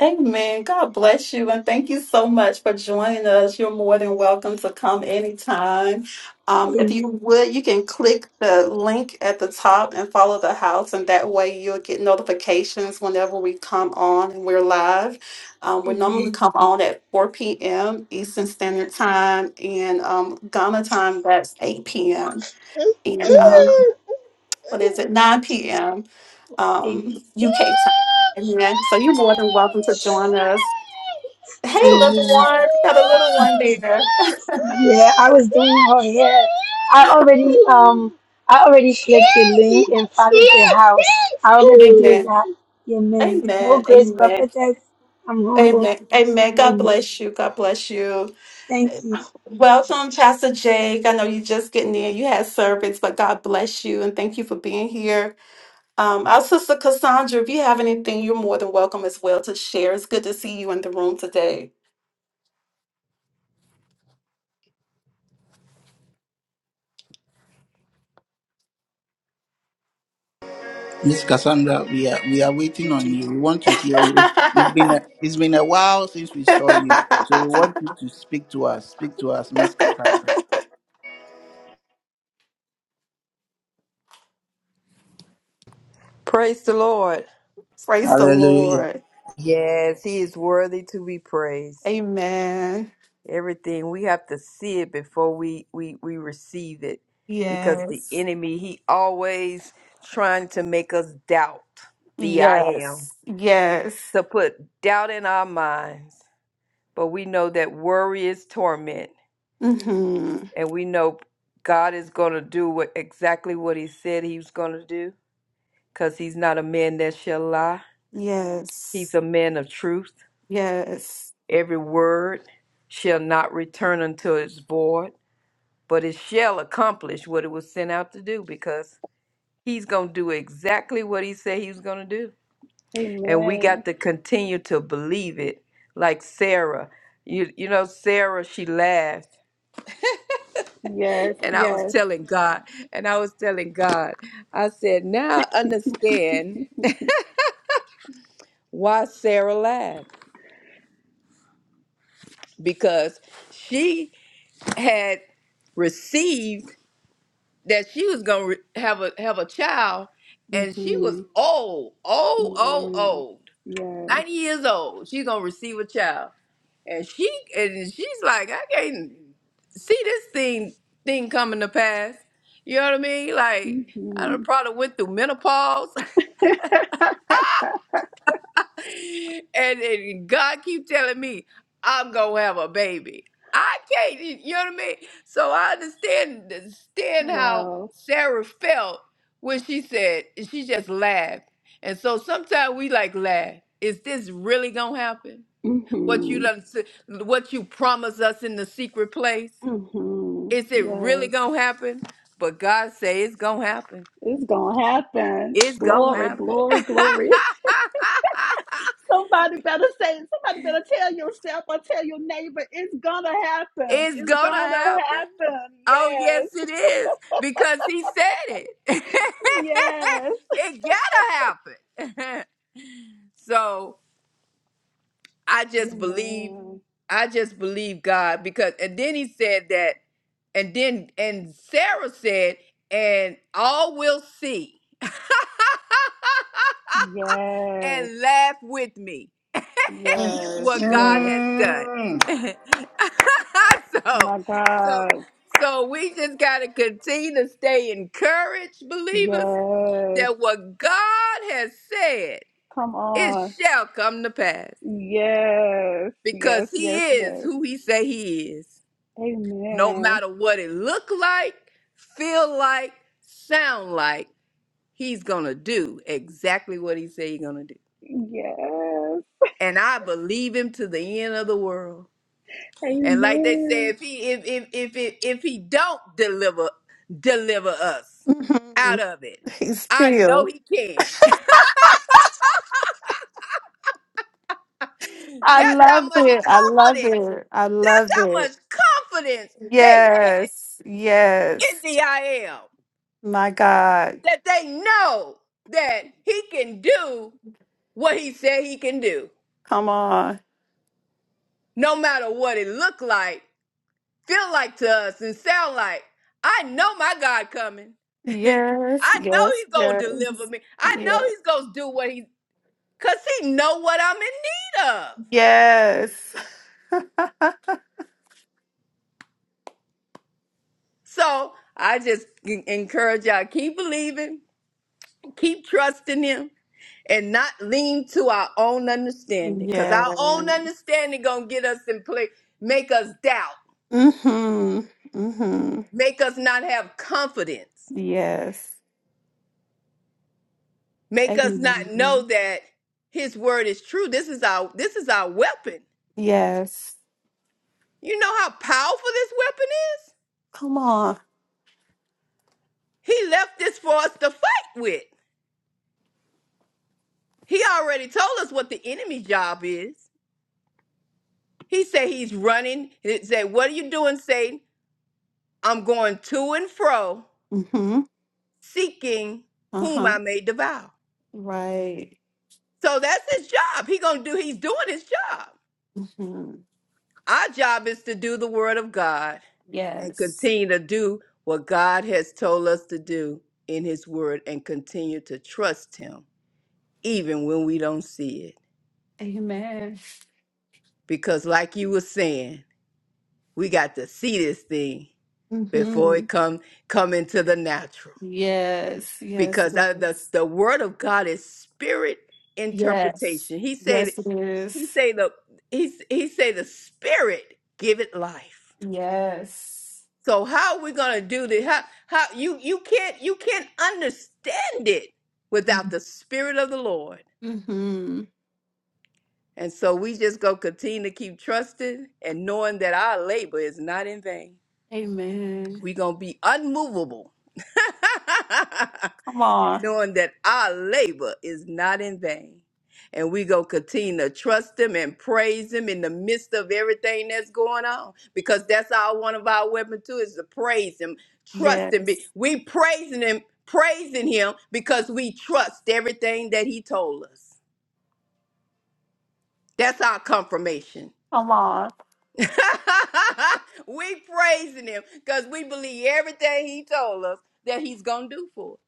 Amen. God bless you. And thank you so much for joining us. You're more than welcome to come anytime. Um, if
Amen.
you would, you can click the link at the top and follow the house, and that way you'll get notifications whenever we come on and we're live. Um, we
Amen.
normally come on at 4 p.m. Eastern Standard Time, and um, Ghana time, that's 8 p.m.
Amen.
And
Amen.
um, what is it, 9 p.m. Um, UK time. Amen. So you're more than welcome to join us. Hey, little one. You got a little one there. <laughs>
Yeah, I was doing her hair. I already um I already clicked the link and found the house. I already did
Amen.
that. Amen. More
Amen.
grace
Amen.
prophetess. I'm humble.
Amen. Amen. God
Amen.
bless you. God bless you.
Thank you.
Welcome, Pastor Jake. I know you're just getting in. You had service, but God bless you and thank you for being here. Um, our sister Cassandra, if you have anything, you're more than welcome as well to share. It's good to see you in the room today.
Miss Cassandra, we are we are waiting on you. We want to hear you. It's been a
<laughs>
it's been a while since we saw you, so we want you to speak to us. Speak to us, Miss Cassandra.
Praise the Lord.
Praise the
Hallelujah.
Lord.
Yes, He is worthy to be praised.
Amen.
Everything we have to see it before we we we receive it, because the
Yes.
enemy he always trying to make us doubt the I am
Yes.
to put doubt in our minds. but we know that worry is torment,
hmm
and we know God is going to do what, exactly what He said He was going to do, because He's not a man that shall lie. He's a man of truth. Every word shall not return unto its void, but it shall accomplish what it was sent out to do, because He's going to do exactly what He said He was going to do, and we got to continue to believe it, like Sarah. You, you know, Sarah, she laughed And I was telling God, and I was telling God, I said, now I understand why Sarah laughed because she had received that she was gonna re- have a have a child, and she was old, old, old, old, ninety years old. She's gonna receive a child, and she and she's like, I can't see this thing thing coming to pass. You know what I mean? Like I done probably went through menopause <laughs> and, and God keep telling me I'm gonna have a baby. I can't, you know what I mean? So I understand understand how
Wow.
Sarah felt when she said she just laughed. And so sometimes we like laugh. Is this really gonna happen? What you
Mhm.
done, s- what you promised us in the secret place?
Mhm.
Is it really
Yes.
gonna happen? But God say it's gonna happen.
It's gonna happen.
It's gonna
Glory,
happen.
glory, glory. <laughs>
<laughs>
Somebody better say, somebody better tell yourself or tell your neighbor, it's gonna happen.
It's
It's
gonna
gonna
happen.
happen.
Oh, yes,
Yes.
it is because he said it.
Yes.
<laughs> it gotta happen. <laughs> so I just believe,
Amen.
I just believe God because, and then he said that, and then, and Sarah said, and all will see <laughs>
Yes.
and laugh with me.
Yes.
what God
Yes.
has done. <laughs> so,
My
so,
God.
so we just got to continue to stay encouraged, believers,
Yes.
that what God has said,
Come
it
on.
shall come to pass
Yes. Yes.
because he
Yes.
is
Yes.
who he say he is. No
Amen.
matter what it look like, feel like, sound like, he's going to do exactly what he say he's going to do.
Yes.
And I believe him to the end of the world. And like they
Amen.
said, if he if if if if, if he don't deliver deliver us out of it, I know he can. <laughs>
I
That's how
love
much
it. I love
confidence.
it. I
That's
love
how much
it.
confidence they had
Yes.
in
Yes.
the I am
My God.
that they know that he can do what he said he can do,
Come on.
no matter what it looked like, feel like to us and sound like. I know my God coming. <laughs> I
Yes.
know
Yes.
he's going to deliver
Yes.
me. I know
Yes.
he's going to do what he cuz he know what I'm in need of.
Yes. <laughs>
So, I just en- encourage y'all keep believing, keep trusting him and not lean to our own understanding cuz
yeah.
our own understanding going to get us in place, make us doubt,
Mm-hmm. Mm-hmm.
make us not have confidence,
Yes.
make us not know
Amen.
that his word is true. This is our this is our weapon
Yes.
You know how powerful this weapon is?
Come on.
He left this for us to fight with. He already told us what the enemy's job is. He said he's running. He said, What are you doing, Satan? I'm going to and fro,
Mm-hmm.
seeking whom
Uh-huh.
I may devour.
Right.
So that's his job. He gonna do he's doing his job.
Yes.
Our job is to do the word of God and continue to do what God has told us to do in his word and continue to trust him even when we don't see it. because like you were saying, we got to see this thing before it come come into the natural.
Yes.
Because I, the
Yes.
the word of God is spirit
Yes.
interpretation. He said
Yes, it
he
is.
say the he he say the spirit give it life.
Yes.
So how are we gonna do this? How how you you can't you can't understand it without the spirit of the Lord.
Mm-hmm.
And so we just go continue to keep trusting and knowing that our labor is not in vain.
Amen.
We're going to be unmovable, <laughs>
Come on.
knowing that our labor is not in vain. And we going to continue to trust Him and praise Him in the midst of everything that's going on. Because that's our one of our weapons, too, is to praise Him, trust Him. Be-
Yes.
We praising Him, praising Him because we trust everything that He told us. That's our confirmation.
Come on.
<laughs> we praising him because we believe everything he told us that he's gonna do for us.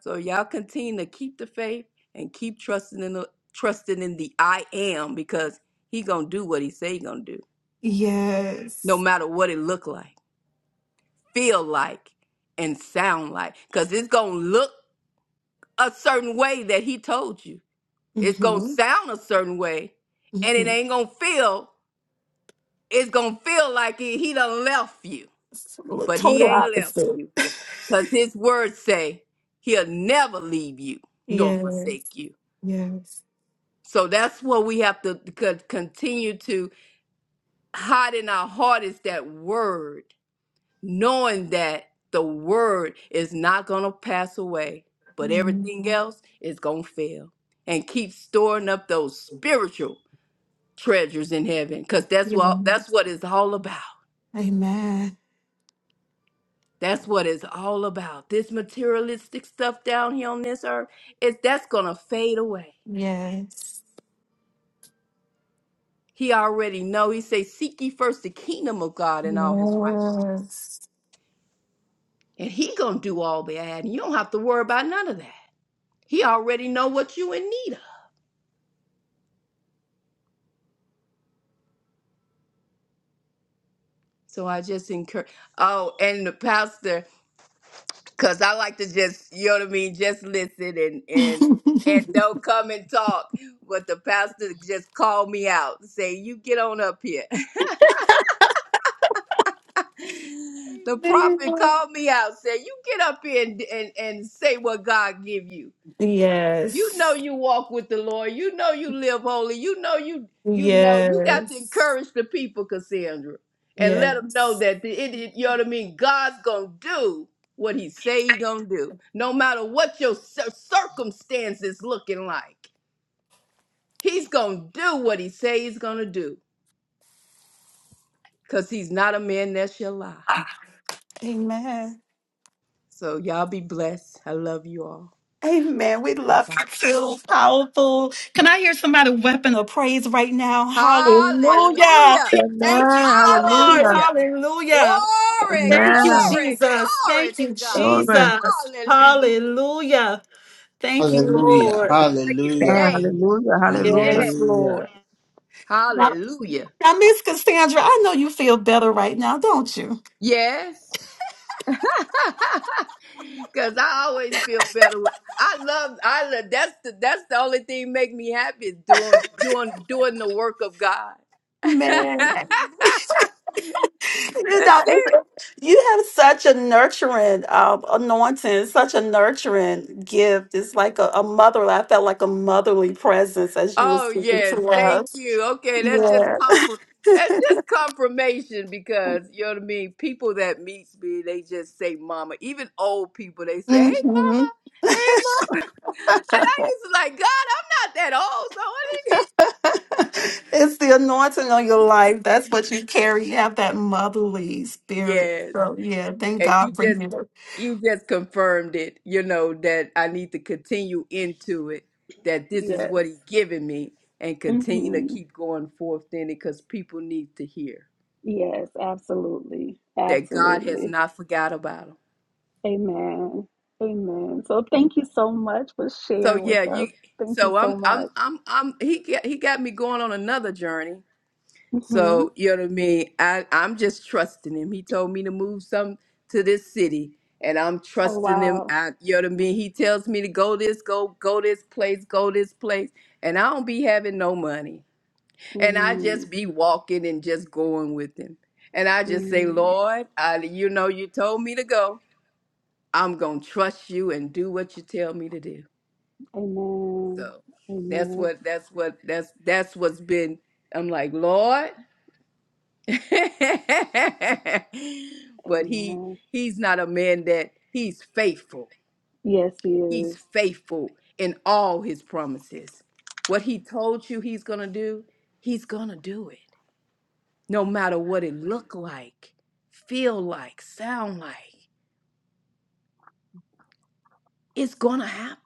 So y'all continue to keep the faith and keep trusting in the trusting in the I am because he gonna do what he say he gonna do, no matter what it look like, feel like, and sound like. Cause it's gonna look a certain way that he told you. It's gonna sound a certain way, and it
Mhm.
ain't gonna feel. It's gonna feel like it, he done left you,
It's the
but he
Total
ain't left
opposite.
you. Cause his words say he'll never leave you nor
Yes.
forsake you.
Yes.
So that's what we have to co- continue to hide in our heart is that word, knowing that the word is not going to pass away, but everything
Amen.
else is going to fail. And keep storing up those spiritual treasures in heaven cuz that's
Yes.
what that's what it's all about.
Amen.
That's what it's all about. This materialistic stuff down here on this earth, is that's going to fade away.
Yes.
He already know. He say seek ye first the kingdom of God and all his righteousness
Yes.
and he gonna do all that and you don't have to worry about none of that he already know what you in need of so i just encourage oh and the pastor because i like to just you know what i mean just listen and and and don't come and talk but the pastor just called me out say you get on up here <laughs> the prophet
Amen.
called me out said you get up here and, and and say what god give you You know
Yes.
you walk with the Lord. You know you live holy. You know you you know you got to
Yes.
encourage the people, Cassandra, and let them know
Yes.
that the, it, it- you know what I mean. God's gonna do what He say He gonna do, no matter what your cir- circumstances looking like. He's gonna do what He say He's gonna do, cause He's not a man that shall lie. So y'all be blessed. I love you all. Bye bye.
Hallelujah.
Hallelujah.
Thank
Amen.
you, Lord.
Hallelujah.
Hallelujah.
Hallelujah.
Glory,
Thank you,
Amen.
Hallelujah,
glory,
Jesus.
glory
Thank you,
to God.
Glory.
Jesus.
Hallelujah.
Hallelujah. Thank you,
Hallelujah.
Lord.
Breaking
Hallelujah.
Amen.
chains.
Hallelujah. Hallelujah.
Yes.
Yes,
Hallelujah.
Lord. Now,
Hallelujah.
now, Miss Cassandra, I know you feel better right now, don't you?
Yes. <laughs> Cause I always feel better. With, I love I love that's the that's the only thing make me happy is doing doing doing the work of God. <laughs> that's
Man, you know,
it.
you have such a nurturing um, anointing, such a nurturing gift. It's like a, a mother. I felt like a motherly presence as you were
Oh
speaking
yes,
to
thank
us.
you. Okay, that's just
Yeah.
comfort. That's just confirmation because you know what I mean. People that meets me, they just say "mama." Even old people, they say "hey,
<laughs>
mama," "hey, mama." <laughs> And I used to like, God, I'm not that old, so what?
it's the anointing on your life. That's what you carry. You have that motherly
Is-?
spirit.
Yes,
So yeah, thank
and you
God for
just
you.
you just confirmed it. You know that I need to continue into it. That this is
Yes.
what He given me, and continue to
hmm
keep going forth in it because people need to hear.
Yes, absolutely.
that God has
Absolutely.
not forgot about him.
Amen. Amen. So thank you so much for
So
sharing
yeah,
with
you.
us. Thank you
So
so
I'm I'm
much.
I'm I'm he got, he got me going on another journey.
hmm
So you know what I mean. I I'm just trusting him. He told me to move some to this city, and I'm
Oh,
trusting him.
wow.
I you know what I mean. He tells me to go this go go this place go this place, and I don't be having no money, and I
mm
just be walking and just going with him, and I just say,
mm.
Lord, I you know you told me to go. I'm gonna trust you and do what you tell me to do.
Amen.
So that's
Amen.
what that's what that's that's what's been I'm like, Lord <laughs> But he
Amen.
he's not a man that he's faithful.
Yes, he
He's
is.
faithful in all his promises. What he told you he's gonna do, he's gonna do it. No matter what it look like, feel like, sound like, it's gonna happen.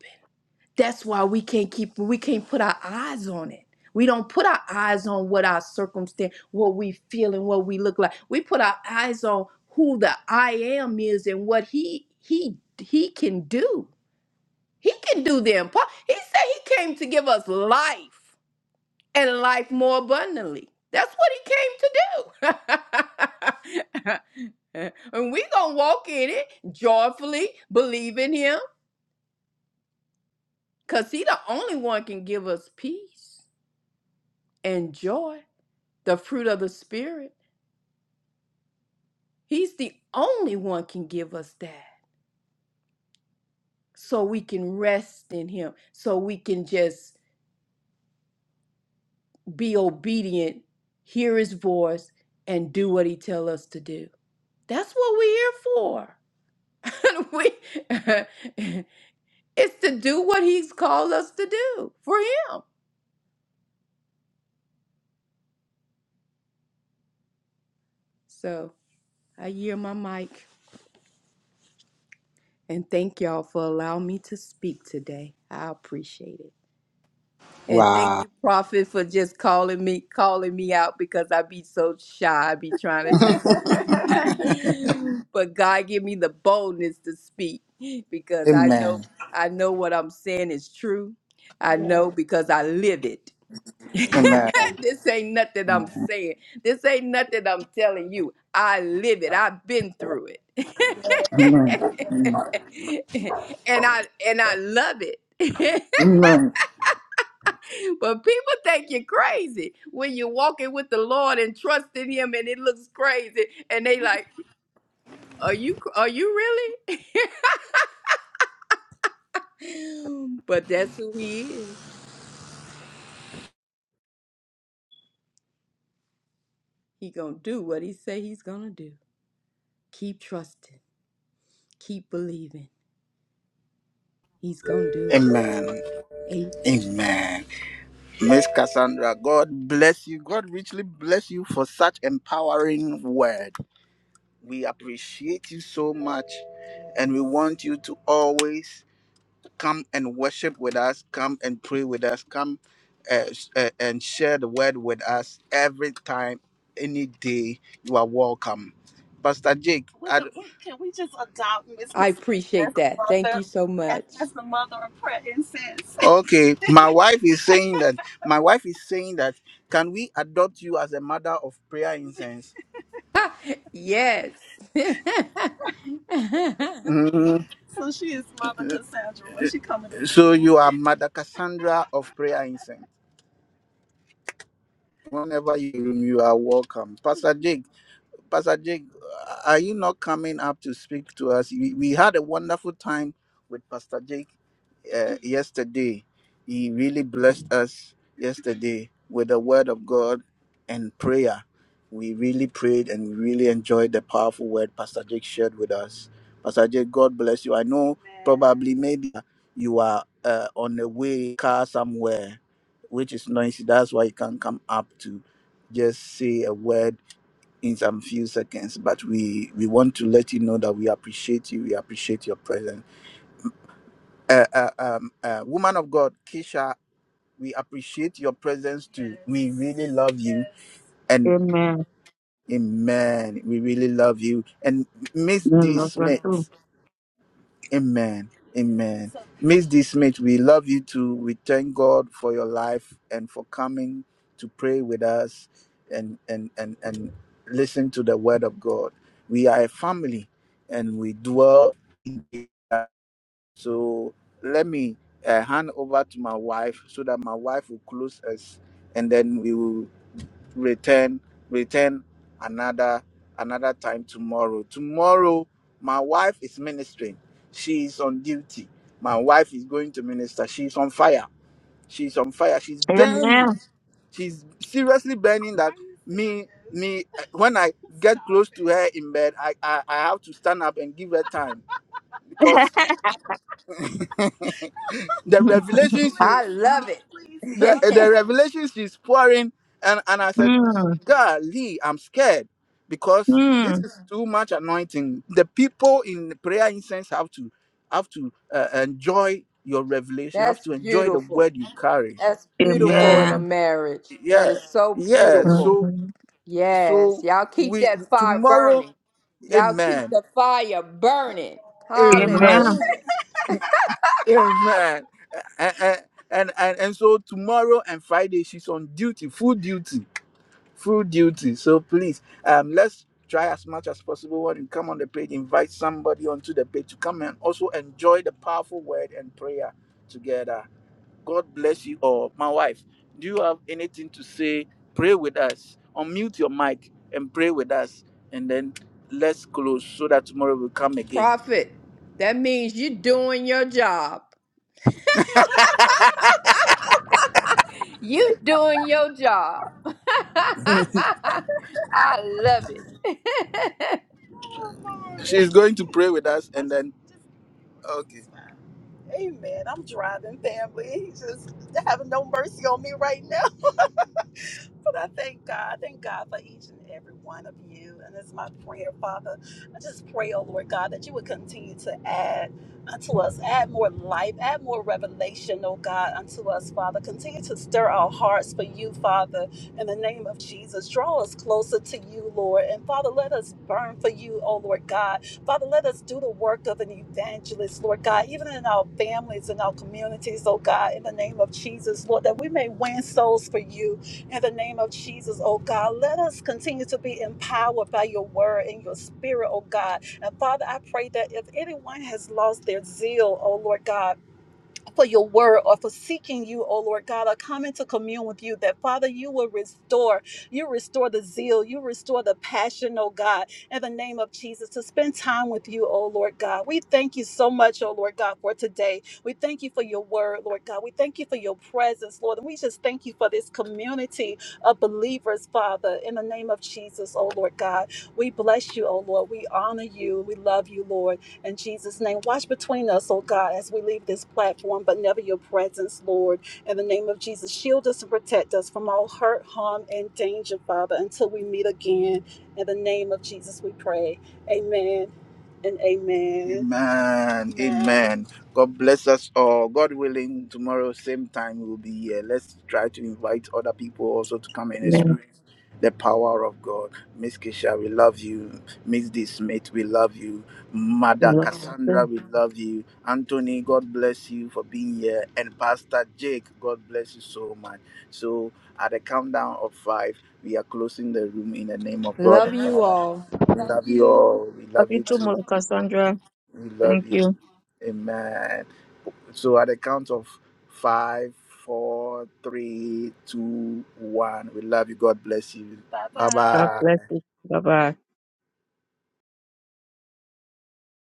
that's why we can't keep we can't put our eyes on it we don't put our eyes on what our circumstance what we feel and what we look like we put our eyes on who the i am is and what he he he can do he can do the impossible he said he came to give us life and life more abundantly that's what he came to do <laughs> and we gonna walk in it joyfully believe in him because he the only one can give us peace and joy, the fruit of the Spirit. He's the only one can give us that. So we can rest in him, so we can just be obedient, hear his voice, and do what he tells us to do. That's what we're here for. <laughs> we, <laughs> it's to do what he's called us to do for him. So I hear my mic and thank y'all for allowing me to speak today. I appreciate it. And thank you, Prophet, for just calling me, calling me out because I be so shy. I be trying to be so <laughs> but God give me the boldness to speak because I know
Amen.
I know what I'm saying is true. I know because I live it. <laughs>
Amen.
This ain't nothing I'm saying. This ain't nothing I'm telling you. I live it. I've been through it. <laughs> and I and I love it. <laughs>
Amen.
<laughs> But people think you're crazy when you're walking with the Lord and trusting Him, and it looks crazy, and they like, "Are you? cr- Are you really?" <laughs> but that's who He is. He gonna do what He say He's gonna do. Keep trusting. Keep believing. He's gonna do it.
Amen.
Amen.
Amen. Miss Cassandra, God bless you. God richly bless you for such empowering word. We appreciate you so much and we want you to always come and worship with us, come and pray with us, come uh, sh- uh, and share the word with us every time, any day. You are welcome. Pastor Jake, We I d- can, we, can we just adopt Miss
I
Cassandra as
appreciate
the
that. Thank
mother,
you so
as,
much.
as the mother of prayer incense? <laughs> Okay, my wife is saying that. My wife is saying that. Can we adopt you as a mother of prayer incense?
<laughs> yes. <laughs>
Mhm. so she is Mother Cassandra when she coming in. So you are Mother Cassandra of prayer incense. Whenever you you are welcome, Pastor Jake. Pastor Jake, are you not coming up to speak to us? We, we had a wonderful time with Pastor Jake uh, yesterday. He really blessed us yesterday with the Word of God and prayer. We really prayed and we really enjoyed the powerful word Pastor Jake shared with us. Pastor Jake, God bless you. I know probably maybe you are uh, on the way car somewhere which is noisy. That's why you can't come up to just say a word in some few seconds. But we we want to let you know that we appreciate you. We appreciate your presence. Uh, uh, um, uh, woman of God, Kisha, we appreciate your presence too. We really love you. And
Amen.
amen. We really love you. And Miss
Mm,
D.
that's what
Smith.
too.
Amen. Amen. So Miss D. Smith, we love you too. We thank God for your life and for coming to pray with us and and and, and listen to the word of God. We are a family and we dwell. here. So let me uh, hand over to my wife so that my wife will close us and then we will return return another another time tomorrow tomorrow my wife is ministering She is on duty my wife is going to minister she's on fire she's on fire she's burning
Amen.
she's seriously burning that me me eh, when i get close to her in bed i i, I have to stand up and give her time because
<laughs>
the revelations
I love
the the
it.
revelation she's pouring and and i said
mm,
god lee i'm scared because this
mm.
is too much anointing the people in prayer incense have to have to uh, enjoy your
<laughs>
revelation have
That's
to enjoy the
beautiful.
word you carry
That's beautiful
yes
in a
Amen.
marriage. That
yeah
is so
yeah
beautiful.
so
Mm.
Yes.
bro
Y'all keep that fire burning. Y'all keep
man
the fire burning.
Amen.
man
Hallelujah.
man and, and so duty, full duty full duty so please let's go and invite somebody onto the page to come and also enjoy the path and prayer that God my wife, do you have to say, pray with us on mic and pray with us? And then let's close game.
Prophet, that means you doing your job. <laughs> You doing your job. <laughs> I love it.
She's going to pray with us and then, okay. Bride and family. Just having no mercy on me right now. But I thank God, thank God for each and every one of you. And it's my prayer, Father. I just pray, oh Lord God, that you would continue to add unto us, add more life, add more revelation, oh God, unto us, Father. Continue to stir our hearts for you, Father, in the name of Jesus. Draw us closer to you, Lord. And Father, let us burn for you, oh Lord God. Father, let us do the work of an evangelist, Lord God, even in our families and our communities, oh God, in the name of Jesus, Lord, that we may win souls for you in the name of Jesus, oh God, let us continue to be empowered by your word and your spirit, oh God. And Father, I pray that if anyone has lost their zeal, oh Lord God, for your word or for seeking you, O Lord God, or coming to commune with you, that Father, you will restore. You restore the zeal, you restore the passion, O God, in the name of Jesus, to spend time with you, O Lord God. We thank you so much, O Lord God, for today. We thank you for your word, Lord God. We thank you for your presence, Lord. And we just thank you for this community of believers, Father, in the name of Jesus, O Lord God. We bless you, O Lord. We honor you. We love you, Lord. In Jesus' name, watch between us, oh God, as we leave this platform, but never your presence, Lord. In the name of Jesus, shield us and protect us from all hurt, harm, and danger, Father, until we meet again. In the name of Jesus, we pray. Amen and amen. Amen. Amen. Amen. God bless us all. God willing, tomorrow, same time, we'll be here. Let's try to invite other people also to come and
Amen.
experience the power of God. Miss Kisha, we love you. Miss D. Smith, we love you. Mother
That's what
Cassandra,
too.
we love you. Anthony, God bless you for being here. And Pastor Jake, God bless you so much. So, at the countdown of five, we are closing the room in the name
<laughs>
of God
love
the
you
Father.
all.
We love you all. We
Love
love
you
you
too, Mother
too.
Cassandra.
We love
Thank
you.
you.
Amen. So, at the count of five, eight, two, one, we love you. God, Bye
God
bye.
bless you. Bye bye.